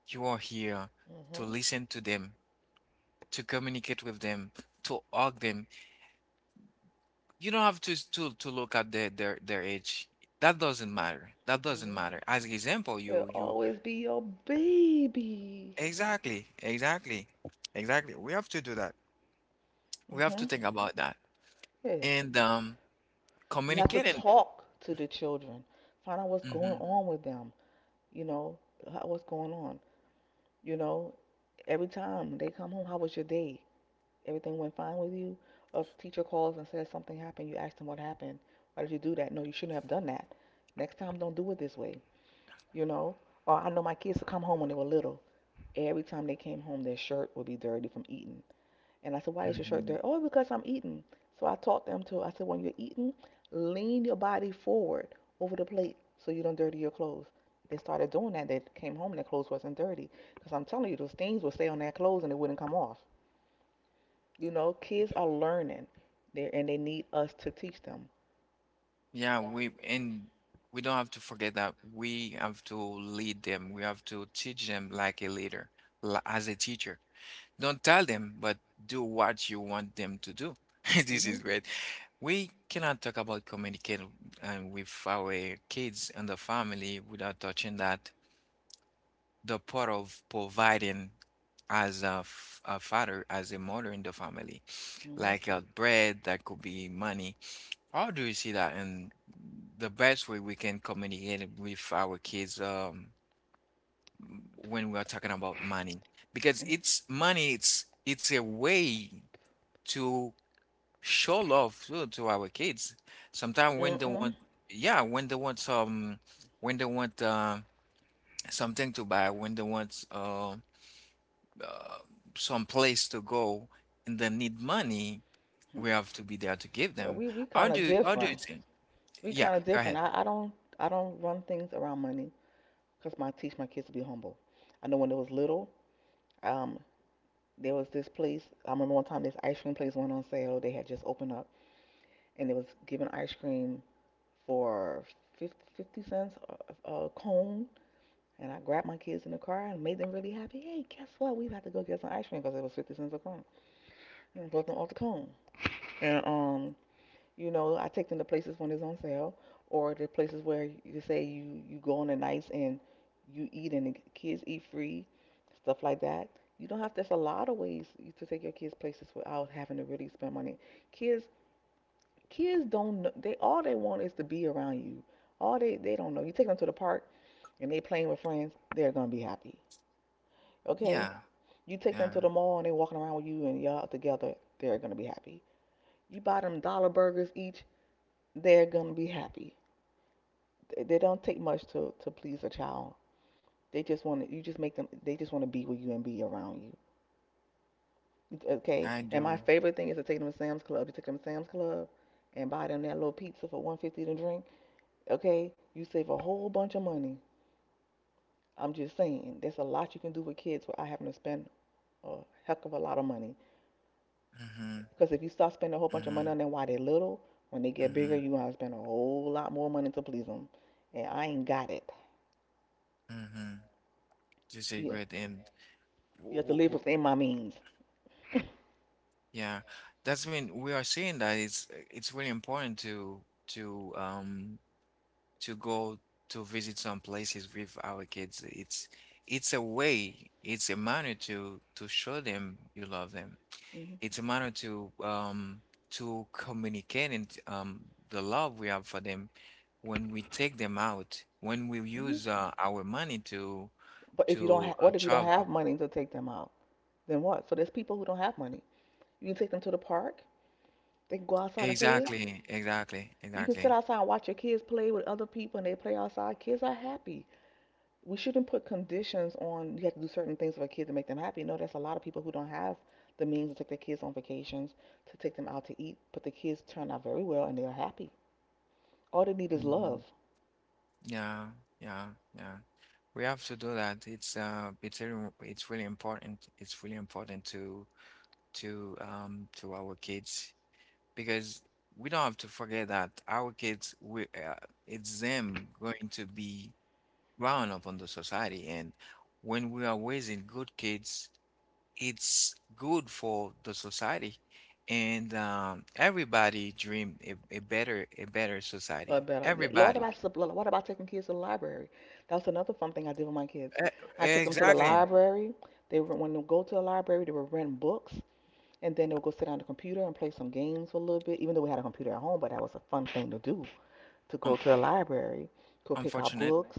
Speaker 1: you are here to
Speaker 2: Mhm.
Speaker 1: listen to them, to communicate with them, to hug them. You don't have to look at their age. that doesn't matter that doesn't
Speaker 2: Mhm.
Speaker 1: matter As example,
Speaker 2: They'll
Speaker 1: you
Speaker 2: always be your baby.
Speaker 1: exactly, exactly, exactly, we have to do that. We have to
Speaker 2: Mhm.
Speaker 1: think about that,
Speaker 2: Yeah.
Speaker 1: and
Speaker 2: You have to
Speaker 1: communicating.
Speaker 2: talk to the children. Find out what's going
Speaker 1: Mhm,
Speaker 2: on with them. You know, how, what's going on. You know, every time they come home, how was your day? Everything went fine with you? Or if the teacher calls and says something happened, you ask them what happened. Why did you do that? No, you shouldn't have done that. Next time, don't do it this way. you know. Or I know my kids would come home when they were little. Every time they came home, their shirt would be dirty from eating. And I said, why is your shirt
Speaker 1: mhm.
Speaker 2: dirty? Oh, because I'm eating. So I taught them to, I said, when you're eating, lean your body forward over the plate so you don't dirty your clothes. They started doing that. They came home and their clothes wasn't dirty. Because I'm telling you, those stains would stay on their clothes and it wouldn't come off. You know, kids are learning there and they need us to teach them.
Speaker 1: Yeah, we don't have to forget that we have to lead them. We have to teach them like a leader, as a teacher. Don't tell them, but do what you want them to do. *laughs* This is
Speaker 2: Hmm.
Speaker 1: great. We cannot talk about communicating with our kids and the family without touching that the part of providing as a father, as a mother in the family,
Speaker 2: Hmm.
Speaker 1: like bread, that could be money. How do you see that? And the best way we can communicate it with our kids, when we are talking about money, because it's money, it's a way to show love to our kids. Sometimes when they
Speaker 2: Mm-mm.
Speaker 1: want, yeah, when they want some, when they want something to buy, when they want uh, some place to go, and they need money, we have to be there to give
Speaker 2: Well,
Speaker 1: them.
Speaker 2: we
Speaker 1: How
Speaker 2: kind of
Speaker 1: do how do
Speaker 2: different.
Speaker 1: you think?
Speaker 2: We
Speaker 1: Yeah,
Speaker 2: kind of
Speaker 1: go
Speaker 2: different.
Speaker 1: ahead.
Speaker 2: I don't run things around money because my I teach my kids to be humble. I know when they was little, um, there was this place. I remember one time this ice cream place went on sale. They had just opened up and they was giving ice cream for 50, cents a cone. And I grabbed my kids in the car and made them really happy. Hey, guess what? We had to go get some ice cream because it was 50 cents a cone. And I brought them all the cone. And you know, I take them to places when it's on sale, or the places where you say you you go on the nights and you eat and the kids eat free, stuff like that. You don't have. There's a lot of ways you to take your kids places without having to really spend money. Kids, kids don't. They all they want is to be around you. All they don't know. You take them to the park and they playing with friends. They're gonna be happy. Okay.
Speaker 1: Yeah.
Speaker 2: You take them
Speaker 1: Yeah,
Speaker 2: to the mall and they walking around with you and y'all together. They're gonna be happy. You buy them dollar burgers each. They're gonna be happy. They don't take much to please a child. They just want to, you just make them, they just want to be with you and be around you. Okay?
Speaker 1: I
Speaker 2: And my
Speaker 1: do.
Speaker 2: favorite thing is to take them to Sam's Club. You take them to Sam's Club and buy them that little pizza for 150 to drink. Okay? You save a whole bunch of money. I'm just saying, there's a lot you can do with kids without having to spend a heck of a lot of money.
Speaker 1: Mm-hmm.
Speaker 2: Because if you start spending a whole bunch of
Speaker 1: Mm-hmm.
Speaker 2: money on them while they're little, when they get bigger,
Speaker 1: Mm-hmm.
Speaker 2: you want to spend a whole lot more money to please them. And I ain't got it.
Speaker 1: Mm-hmm. This is a
Speaker 2: Yeah.
Speaker 1: great end.
Speaker 2: You
Speaker 1: W-
Speaker 2: have to
Speaker 1: w-
Speaker 2: live
Speaker 1: w-
Speaker 2: within my means.
Speaker 1: Yeah, that's when we are saying that it's really important to um to go to visit some places with our kids. It's a way, it's a manner to show them you love them.
Speaker 2: Hmm.
Speaker 1: It's a matter to communicate, and the love we have for them when we take them out, when we
Speaker 2: Hmm.
Speaker 1: use our money
Speaker 2: But if you don't
Speaker 1: to
Speaker 2: have, what if you don't
Speaker 1: travel.
Speaker 2: have money to take them out? Then what? So there's people who don't have money. You can take them to the park. They can go outside and play.
Speaker 1: Exactly, exactly,
Speaker 2: You can sit
Speaker 1: exactly.
Speaker 2: outside and watch your kids play with other people and they play outside. Kids are happy. We shouldn't put conditions on you have to do certain things for a kid to make them happy. No, there's a lot of people who don't have the means to take their kids on vacations, to take them out to eat, but the kids turn out very well and they are happy. All they need is love.
Speaker 1: Mhm. Yeah, yeah, yeah. We have to do that. It's really, it's really important. It's really important to our kids because we don't have to forget that our kids, we it's them going to be grown up on the society, and when we are raising good kids, it's good for the society. And everybody dream a better
Speaker 2: I
Speaker 1: society.
Speaker 2: better. Yeah. Lord,
Speaker 1: Everybody.
Speaker 2: about what about taking kids to the library? That was another fun thing I did with my kids. I
Speaker 1: E-
Speaker 2: took them to the
Speaker 1: exactly.
Speaker 2: library. When they go to the library, they would rent books, and then they would go sit on the computer and play some games for a little bit. Even though we had a computer at home, but that was a fun thing to do to go
Speaker 1: um,
Speaker 2: to the library, go pick out
Speaker 1: unfortunate
Speaker 2: books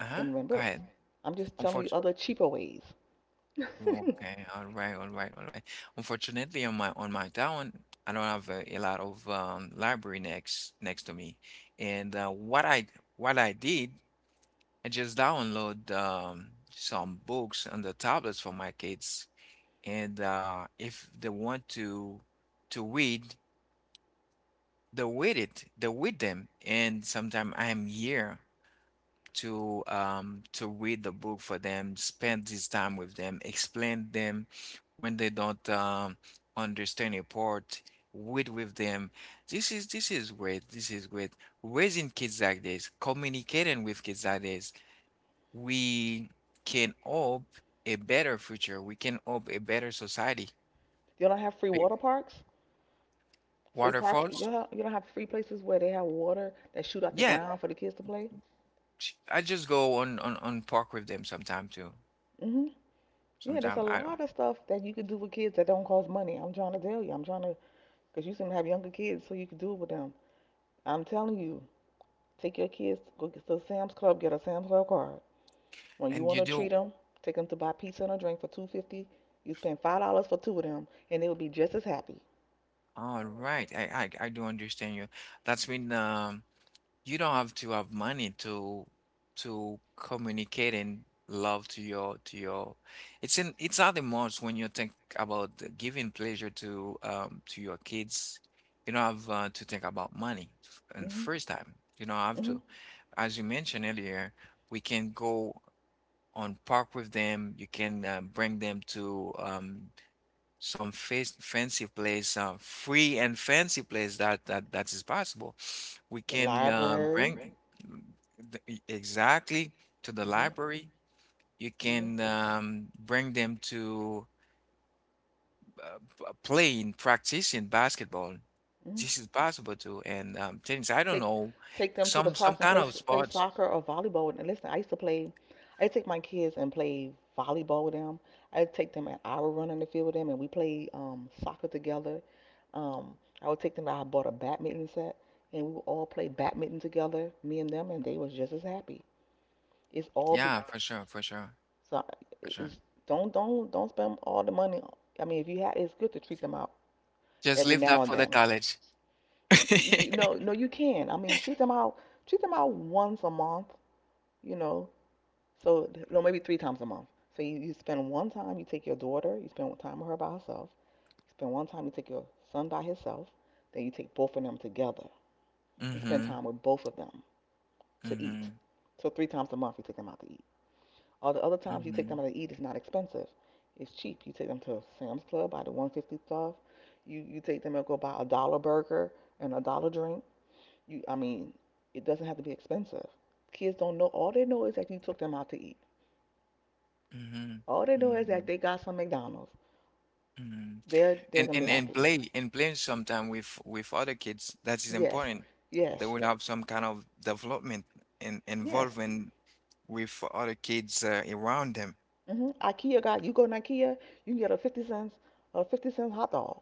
Speaker 1: Uh-huh,
Speaker 2: and rent
Speaker 1: go
Speaker 2: books.
Speaker 1: ahead.
Speaker 2: I'm just telling you other cheaper ways. *laughs*
Speaker 1: Okay, all right, all right, all right. Unfortunately, on my town, I don't have a lot of library next to me. And what I did, I just download some books on the tablets for my kids. And if they want to read, they read it, they read them. And sometime I'm here to read the book for them, spend this time with them, explain them when they don't understand a part, read with them. This is great. This is great. Raising kids like this, communicating with kids like this, we can hope a better future. We can hope a better society.
Speaker 2: You don't have free
Speaker 1: Big
Speaker 2: water parks, free parks.
Speaker 1: waterfalls.
Speaker 2: You don't have free places where they have water that shoot out the
Speaker 1: Yeah,
Speaker 2: ground for the kids to play.
Speaker 1: I just go on park with them sometime too.
Speaker 2: Hmm. Yeah, there's a
Speaker 1: Sometime I don't.
Speaker 2: lot of stuff that you could do with kids that don't cost money. I'm trying to tell you. Because you seem to have younger kids, so you could do it with them. I'm telling you, take your kids, go get to Sam's Club, get a Sam's Club card. When you
Speaker 1: And
Speaker 2: want
Speaker 1: you
Speaker 2: to treat
Speaker 1: do.
Speaker 2: them, take them to buy pizza and a drink for 2.50. You spend $5 for two of them, and they would be just as happy.
Speaker 1: All right. I do understand you. That's mean, you don't have to have money to communicate and love to your it's at the most, when you think about the giving pleasure to your kids. You don't have to think about money and
Speaker 2: Mhm.
Speaker 1: first time. You don't have
Speaker 2: Mhm.
Speaker 1: to. As you mentioned earlier, we can go on park with them. You can bring them to some fancy place, free and fancy place, that is possible. We
Speaker 2: The
Speaker 1: can
Speaker 2: library. Right?
Speaker 1: bring exactly to the
Speaker 2: Mhm. Library?
Speaker 1: library. You
Speaker 2: Mhm.
Speaker 1: can bring them to playing, practicing basketball.
Speaker 2: Okay.
Speaker 1: This is possible too, and tennis. I don't
Speaker 2: take
Speaker 1: know,
Speaker 2: Take them to the
Speaker 1: some
Speaker 2: park and
Speaker 1: kind of
Speaker 2: play
Speaker 1: sports.
Speaker 2: soccer or volleyball. And listen, I used to play. I take my kids and play volleyball with them. I take them an hour run in the field with them, and we play soccer together. Um, I would take them. I bought a badminton set, and we would all play badminton together, me and them, and they was just as happy. It's all be
Speaker 1: Yeah, for sure, for sure,
Speaker 2: so.
Speaker 1: for sure.
Speaker 2: It's don't spend all the money. I mean, if you have, it's good to treat them out
Speaker 1: Just
Speaker 2: every
Speaker 1: leave
Speaker 2: now
Speaker 1: that
Speaker 2: and
Speaker 1: for the
Speaker 2: then,
Speaker 1: college.
Speaker 2: you
Speaker 1: *laughs*
Speaker 2: no, no, you can. I mean, treat them out once a month, you know. So, no, maybe three times a month. So you spend one time, you take your daughter, you spend one time with her by herself. You spend one time, you take your son by himself. Then you take both of them together and spend
Speaker 1: Mm-hmm.
Speaker 2: time with both of them to eat.
Speaker 1: Mm-hmm.
Speaker 2: So three times a month you take them out to eat. All the other times you take
Speaker 1: Mm-hmm.
Speaker 2: them out to eat is not expensive. It's cheap. You take them to Sam's Club, buy the 150 stuff. You take them and go buy a dollar burger and a dollar drink. I mean, it doesn't have to be expensive. Kids don't know. All they know is that you took them out to eat.
Speaker 1: Mm-hmm.
Speaker 2: All they know is that
Speaker 1: Mm-hmm.
Speaker 2: they got some McDonald's.
Speaker 1: Mhm.
Speaker 2: They're
Speaker 1: And
Speaker 2: gonna be
Speaker 1: and and
Speaker 2: happy.
Speaker 1: play and play sometime with other kids. That is
Speaker 2: Yes,
Speaker 1: important. They
Speaker 2: yes,
Speaker 1: will have some kind of development and
Speaker 2: yes.
Speaker 1: involvement with other kids around them.
Speaker 2: IKEA got. You go to IKEA, you can get a 50 cents, a 50-cent hot dog.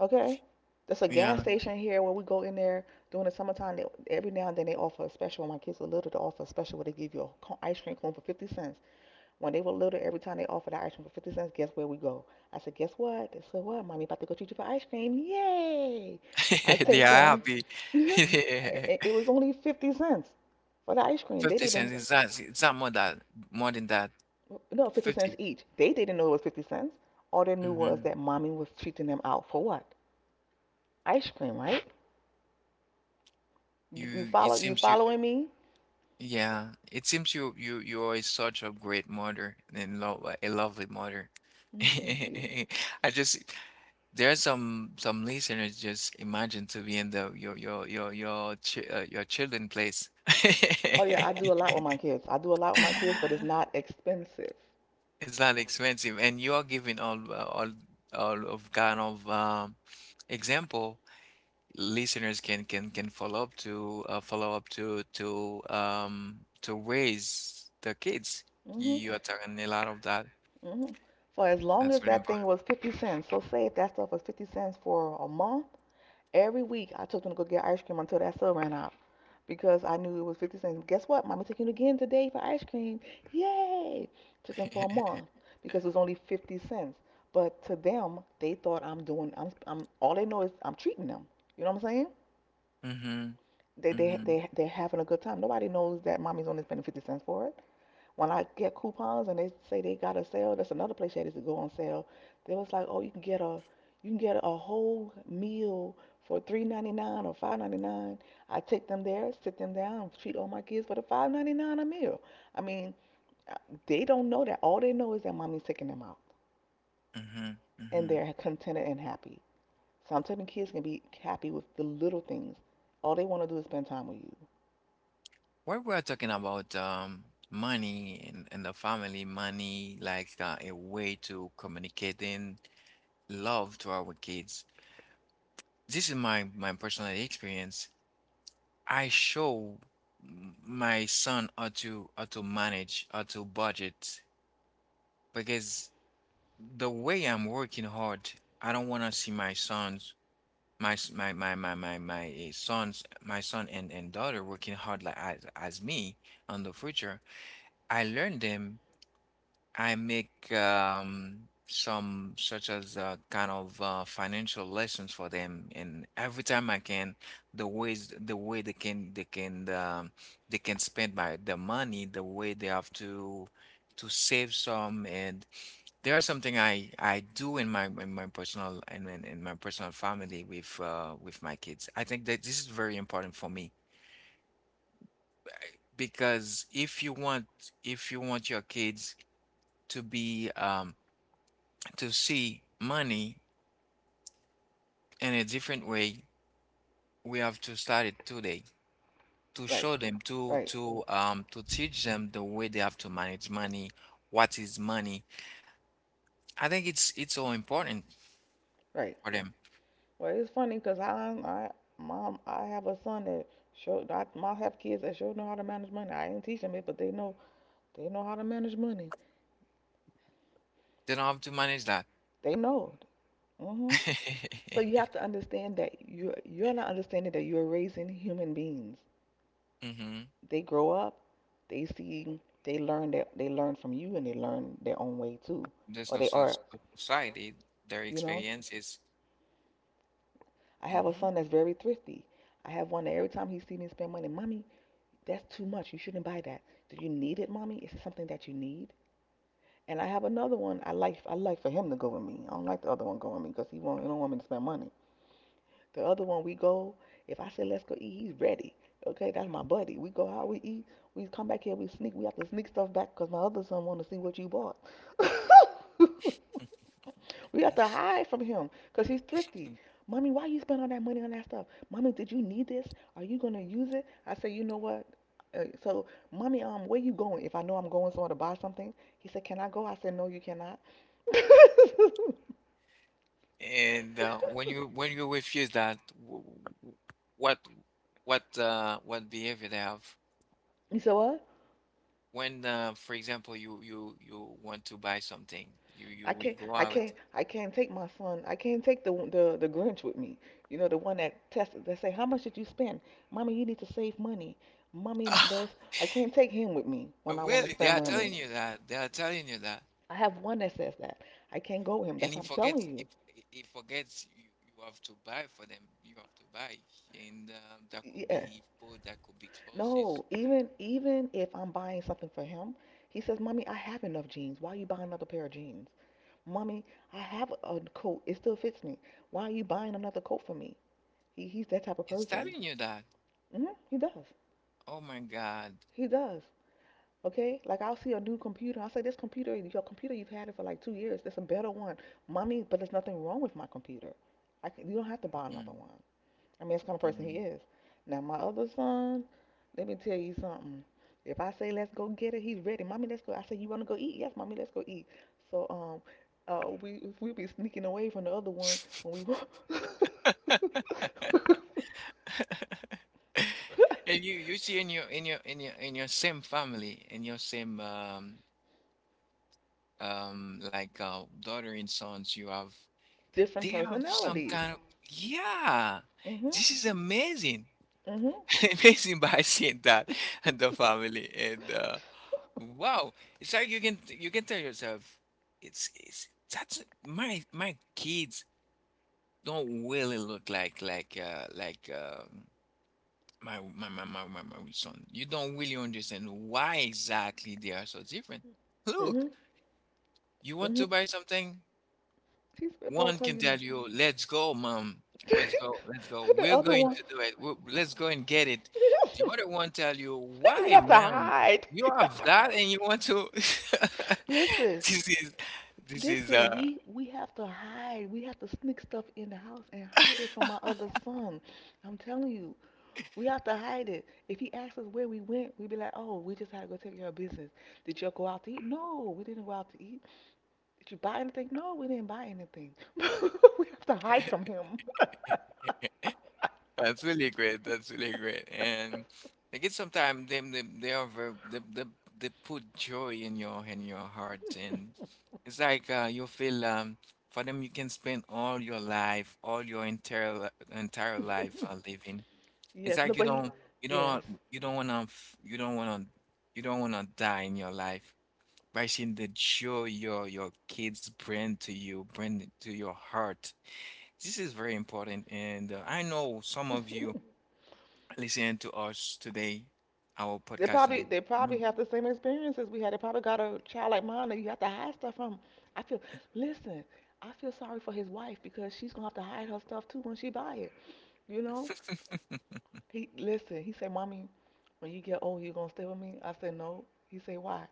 Speaker 2: Okay, there's a gas
Speaker 1: Yeah,
Speaker 2: station here where we go in there during the summertime. They, every now and then they offer a special. When my kids were little to offer a special where they give you a ice cream cone for 50 cents. When they were little, every time they offered our ice cream for 50 cents, guess where we go? I said, guess what? They said, what? Mommy about to go treat you for ice cream. Yay! I
Speaker 1: *laughs* they are
Speaker 2: take them.
Speaker 1: happy.
Speaker 2: *laughs*
Speaker 1: *laughs*
Speaker 2: It was only 50 cents for the ice cream. They
Speaker 1: 50 cents,
Speaker 2: didn't,
Speaker 1: is that more than that?
Speaker 2: no, 50 cents
Speaker 1: 50.
Speaker 2: each. They didn't know it was 50 cents. All they knew was
Speaker 1: Hmm.
Speaker 2: that mommy was treating them out for what? Ice cream, right? You
Speaker 1: You it
Speaker 2: follow? You
Speaker 1: seems you
Speaker 2: following me?
Speaker 1: Yeah, it seems you are such a great mother, and lo a lovely mother. *laughs*
Speaker 2: Mm, thank you.
Speaker 1: I just There's some listeners just imagine to be in the your chi your children place.
Speaker 2: Oh
Speaker 1: *laughs*
Speaker 2: yeah, I do a lot with my kids. I do a lot with my kids, but it's not expensive.
Speaker 1: It's not expensive, and you are giving all of kind of example listeners can follow up to raise the kids.
Speaker 2: hmm
Speaker 1: You are talking a lot of that.
Speaker 2: hmm So as long
Speaker 1: That's
Speaker 2: as
Speaker 1: really
Speaker 2: that thing was 50 cents, so say if that stuff was 50 cents for a month, every week I took them to go get ice cream until that stuff ran out because I knew it was 50 cents. Guess what? Mommy taking you again today for ice cream. Yay! Took them for a
Speaker 1: important. *laughs*
Speaker 2: month because it was only 50 cents. But to them, they thought I'm doing, all they know is I'm treating them. You know what I'm saying?
Speaker 1: Mm-hmm.
Speaker 2: They, they,
Speaker 1: Mm-hmm.
Speaker 2: they, they're having a good time. Nobody knows that mommy's only spending 50 cents for it. When I get coupons and they say they got a sale, that's another place that is to go on sale. They was like, oh, you can get a whole meal for 3.99 or 5.99. I take them there, sit them down, treat all my kids for the 5.99 a meal. I mean, uh, they don't know that. All they know is that mommy's taking them out
Speaker 1: Mm-hmm.
Speaker 2: and
Speaker 1: Mm-hmm.
Speaker 2: they're contented and happy. So I'm telling kids can be happy with the little things. All they want to do is spend time with you.
Speaker 1: When we're talking about money, and the family money, like a way to communicating love to our kids. This is my personal experience. I show my son how to manage, how to budget, because the way I'm working hard, I don't want to see my sons, my s- my sons, my son and daughter working hard like as me on the future. I learn them. I make some such as kind of financial lessons for them, and every time I can, the way they can spend my the money, the way they have to save some. And there's something I do in my personal family with my kids. I think that this is very important for me, because if you want, your kids to be to see money in a different way, we have to start it today to
Speaker 2: Right,
Speaker 1: show them
Speaker 2: right,
Speaker 1: to teach them the way they have to manage money. What is money? I think it's so important
Speaker 2: right.
Speaker 1: for them.
Speaker 2: Well, it's funny because I, mom, I have a son that show. I have kids that sure know how to manage money. I ain't teach them it, but they know. They know how to manage money.
Speaker 1: They don't have to manage that.
Speaker 2: They know. hmm So you have to understand that you're not understanding that you're raising human beings.
Speaker 1: *laughs* Hmm.
Speaker 2: They grow up. They see. They learn that they learn from you, and they learn their own way too.
Speaker 1: the
Speaker 2: Or they
Speaker 1: social
Speaker 2: are.
Speaker 1: Society, their
Speaker 2: You know.
Speaker 1: experiences.
Speaker 2: I have a
Speaker 1: Hmm.
Speaker 2: son that's very thrifty. I have one that every time he see me spend money, mommy, that's too much. You shouldn't buy that. Do you need it, mommy? Is it something that you need? And I have another one. I like for him to go with me. I don't like the other one going with me because he won't. He don't want me to spend money. The other one we go. If I say let's go eat, he's ready. Okay, that's my buddy. We go out, we eat, we come back here, we sneak. We have to sneak stuff back because my other son want to see what you bought. *laughs* We have to hide from him because he's thrifty. Mommy, why you spend all that money on that stuff? Mommy, did you need this? Are you gonna use it? I say, you know what? So, mommy, where you going? If I know I'm going somewhere to buy something, he said, can I go? I said, no, you cannot. You
Speaker 1: And when you refuse that, w- what what behavior they have?
Speaker 2: said what?
Speaker 1: For example, you want to buy something, you
Speaker 2: I
Speaker 1: will
Speaker 2: can't,
Speaker 1: go
Speaker 2: I
Speaker 1: out.
Speaker 2: can't, I can't take my son. I can't take the Grinch with me. You know, the one that tested. That say, how much did you spend? Mommy, you need to save money.
Speaker 1: *laughs*
Speaker 2: Mommy,
Speaker 1: Ah.
Speaker 2: that's. I can't take him with me when I want to
Speaker 1: Really, they
Speaker 2: spend
Speaker 1: are telling
Speaker 2: money.
Speaker 1: you that. They are telling you that,
Speaker 2: I have one that says that. I can't go with him.
Speaker 1: and
Speaker 2: That's
Speaker 1: he
Speaker 2: what I'm telling
Speaker 1: forgets.
Speaker 2: you.
Speaker 1: If he forgets, you have to buy for them. You have to buy, and that could
Speaker 2: Yeah.
Speaker 1: be food, that could be clothes.
Speaker 2: No, even if I'm buying something for him, he says, "Mommy, I have enough jeans. Why are you buying another pair of jeans? Mommy, I have a coat. It still fits me. Why are you buying another coat for me? He's that type of
Speaker 1: It's
Speaker 2: person.
Speaker 1: telling you that.
Speaker 2: hmm He does.
Speaker 1: Oh my God.
Speaker 2: He does. Okay? Like I'll see a new computer. I'll say this computer, your computer, you've had it for like 2 years. There's a better one, mommy. But there's nothing wrong with my computer. I c you don't have to buy another
Speaker 1: Mhm,
Speaker 2: one. I mean, that's the kind of person he
Speaker 1: mhm.
Speaker 2: is. Now my other son, let me tell you something. If I say let's go get it, he's ready. Mommy, let's go. I say you want to go eat? Yes, mommy, let's go eat. So uh, we we be sneaking away from the other one when we.
Speaker 1: *laughs* And you see in your same family in your same daughter and sons you have
Speaker 2: *laughs* Different
Speaker 1: they have some
Speaker 2: personalities.
Speaker 1: kind of, yeah,
Speaker 2: Mhm.
Speaker 1: this is amazing.
Speaker 2: Mhm.
Speaker 1: *laughs* Amazing, by seeing that and the family and wow, it's like you can tell yourself it's that's my my kids don't really look like like my son. You don't really understand why exactly they are so different. Look,
Speaker 2: Mhm.
Speaker 1: you want
Speaker 2: hmm
Speaker 1: to buy something?
Speaker 2: He said, boy, I
Speaker 1: One
Speaker 2: tell
Speaker 1: can
Speaker 2: you
Speaker 1: tell
Speaker 2: no.
Speaker 1: you, "Let's go, mom.
Speaker 2: *laughs*
Speaker 1: Let's go. Let's go.
Speaker 2: And the
Speaker 1: We're
Speaker 2: other
Speaker 1: going
Speaker 2: one,
Speaker 1: to do it. We Let's go and get it." The other
Speaker 2: *laughs*
Speaker 1: one tell you,
Speaker 2: you
Speaker 1: "Why,
Speaker 2: have to
Speaker 1: ma'am?
Speaker 2: hide. *laughs*
Speaker 1: You
Speaker 2: You have
Speaker 1: have
Speaker 2: to hide.
Speaker 1: that and you want to?" *laughs*
Speaker 2: Listen,
Speaker 1: This is this is
Speaker 2: listen,
Speaker 1: uh
Speaker 2: we have to hide. We have to sneak stuff in the house and hide it from my other son. I'm telling you, we have to hide it. If he asks us where we went, we be like, "Oh, we just had to go take care of business." Did y'all go out to eat? No, we didn't go out to eat. Did you buy anything? No, we didn't buy anything. We have to hide from him.
Speaker 1: That's really great. That's really great. And I guess sometimes they are they put joy in your heart. And it's like you feel for them you can spend all your life, all your entire life living. It's
Speaker 2: Yes,
Speaker 1: like you
Speaker 2: nobody.
Speaker 1: don't you don't
Speaker 2: Yes.
Speaker 1: you don't wanna, you don't wanna die in your life by seeing the joy your kids bring to you, bring to your heart. This is very important. And I know some of you listening to us today, our
Speaker 2: They
Speaker 1: podcast
Speaker 2: probably
Speaker 1: today.
Speaker 2: they
Speaker 1: Mm.
Speaker 2: probably
Speaker 1: *laughs*
Speaker 2: have the same experiences we had. They probably got a child like mine that you have to hide stuff from. I feel Listen, I feel sorry for his wife because she's gonna have to hide her stuff too when she buy it. You know? He Listen, he said, Mommy, when you get old you gonna stay with me? I said, no. He said, why?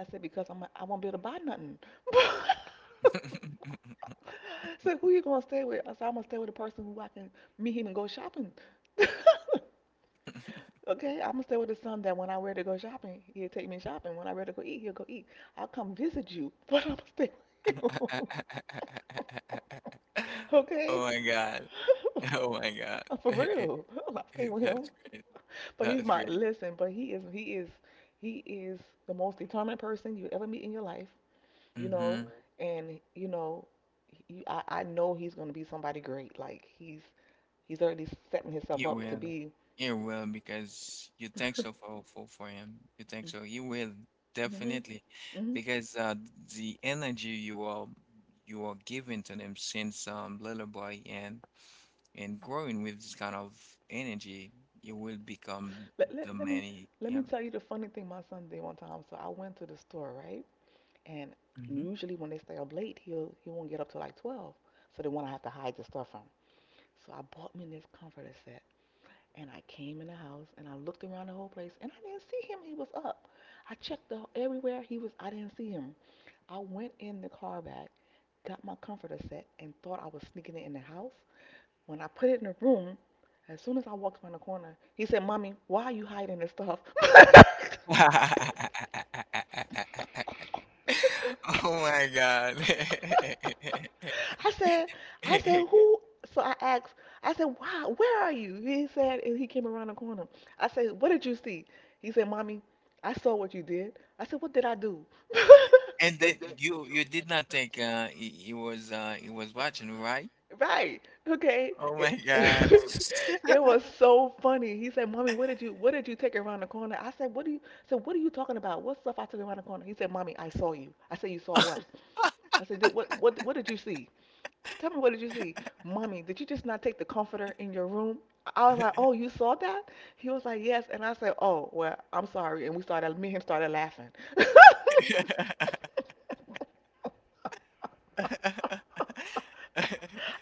Speaker 2: I said, because I won't be able to buy nothing. *laughs* So who you gonna stay with? I said, I'm gonna stay with a person who I can meet him and go shopping. *laughs* Okay, I'm gonna stay with the son that when I ready to go shopping, he'll take me shopping. When I ready to go eat, he'll go eat. I'll come visit you, *laughs* but I'm gonna stay with him. *laughs*
Speaker 1: Oh
Speaker 2: Okay?
Speaker 1: my God. *laughs* Oh my God.
Speaker 2: *laughs* For real. *laughs* I'm going stay
Speaker 1: *laughs*
Speaker 2: with him.
Speaker 1: That's great.
Speaker 2: But he's
Speaker 1: That's
Speaker 2: my
Speaker 1: great.
Speaker 2: Listen, but he is the most determined person you ever meet in your life, you know,
Speaker 1: Hmm.
Speaker 2: Mhm. And I know he's gonna be somebody great. Like he's already setting himself
Speaker 1: You
Speaker 2: up to
Speaker 1: will.
Speaker 2: be.
Speaker 1: You will, because you think so for him. You think so. You will
Speaker 2: Mhm.
Speaker 1: definitely,
Speaker 2: Hmm. *laughs*
Speaker 1: because the energy you are giving to them since little boy, and growing with this kind of energy, you will become
Speaker 2: Let, let,
Speaker 1: the
Speaker 2: let me
Speaker 1: many.
Speaker 2: let me
Speaker 1: Yeah.
Speaker 2: tell you the funny thing my son did one time. So I went to the store, right? And
Speaker 1: Mhm.
Speaker 2: usually when they stay up late, he won't get up till like 12. So they want to have to hide the stuff from him. So I bought me this comforter set, and I came in the house and I looked around the whole place, and I didn't see him. He was up. I checked everywhere. He was. I didn't see him. I went in the car back, got my comforter set, and thought I was sneaking it in the house. When I put it in the room, as soon as I walked around the corner, he said, "Mommy, why are you hiding the stuff?" *laughs*
Speaker 1: *laughs* Oh my God.
Speaker 2: *laughs* I said, I said,
Speaker 1: *laughs*
Speaker 2: who? So I asked, I said, why? Where are you? He said, and he came around the corner. I said, what did you see? He said, mommy, I saw what you did. I said, what did I do? *laughs*
Speaker 1: And then you did not think he was watching, right?
Speaker 2: God. Right. Okay.
Speaker 1: Oh
Speaker 2: It.
Speaker 1: my God.
Speaker 2: *laughs* It was so funny. *laughs* He said, "Mommy, what did you take around the corner?" I said, "What do you?" I said, "What are you talking about? What stuff I took around the corner?" He said, "Mommy, I saw you." I said, "You saw what?" I said, "What did you see?" Tell me, what did you see? Mommy, did you just not take the comforter in your room? I was like, oh, you saw that? He was like, yes. And I said, oh, well, I'm sorry. And we started, me and him started laughing. *laughs*
Speaker 1: *laughs*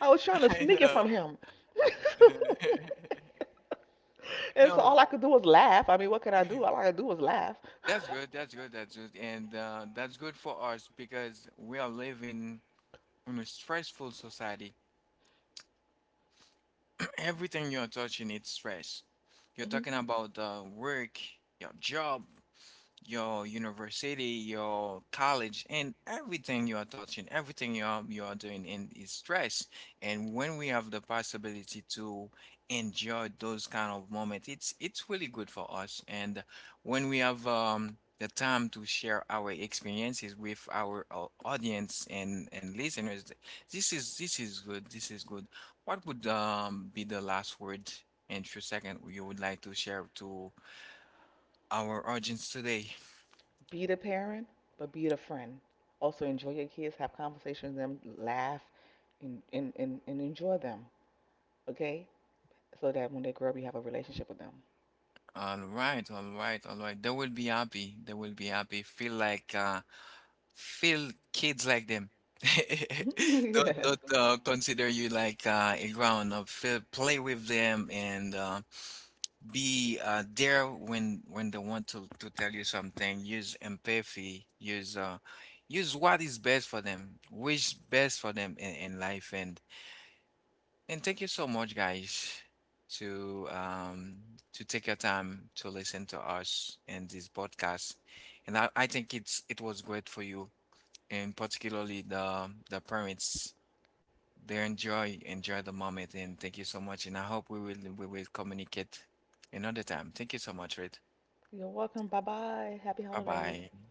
Speaker 2: I was trying to
Speaker 1: I
Speaker 2: sneak it
Speaker 1: know.
Speaker 2: from him. *laughs*
Speaker 1: *laughs* I
Speaker 2: And so
Speaker 1: know.
Speaker 2: all I could do was laugh. I mean, what could I do? All
Speaker 1: *laughs*
Speaker 2: I could do was laugh.
Speaker 1: That's good, that's good, that's good. And that's good for us, because we are living in a stressful society. *clears throat* Everything you're touching, it's stress. You're
Speaker 2: Mhm.
Speaker 1: talking about work, your job, your university, your college, and everything you are touching, everything you are doing in is stress. And when we have the possibility to enjoy those kind of moments, it's really good for us. And when we have the time to share our experiences with our audience and listeners, this is good. This is good. What would be the last word and few second you would like to share to our audience today?
Speaker 2: Be the parent, but be the friend. Also enjoy your kids, have conversations with them, laugh, and enjoy them, okay? So that when they grow up, you have a relationship with them.
Speaker 1: All right, all right, all right. They will be happy. They will be happy. Feel like feel kids like them. *laughs*
Speaker 2: *laughs*
Speaker 1: Don't
Speaker 2: Yes.
Speaker 1: consider you like a grown up. Feel play with them, and be there when they want to tell you something. Use empathy. Use what is best for them, which best for them in life. And thank you so much, guys, to um to take your time to listen to us in this podcast. And I think it was great for you, and particularly the parents. They enjoy the moment, and thank you so much. And I hope we will communicate another time. Thank you so much, Reid.
Speaker 2: You're welcome. Bye bye. Happy
Speaker 1: Bye
Speaker 2: holidays.
Speaker 1: bye.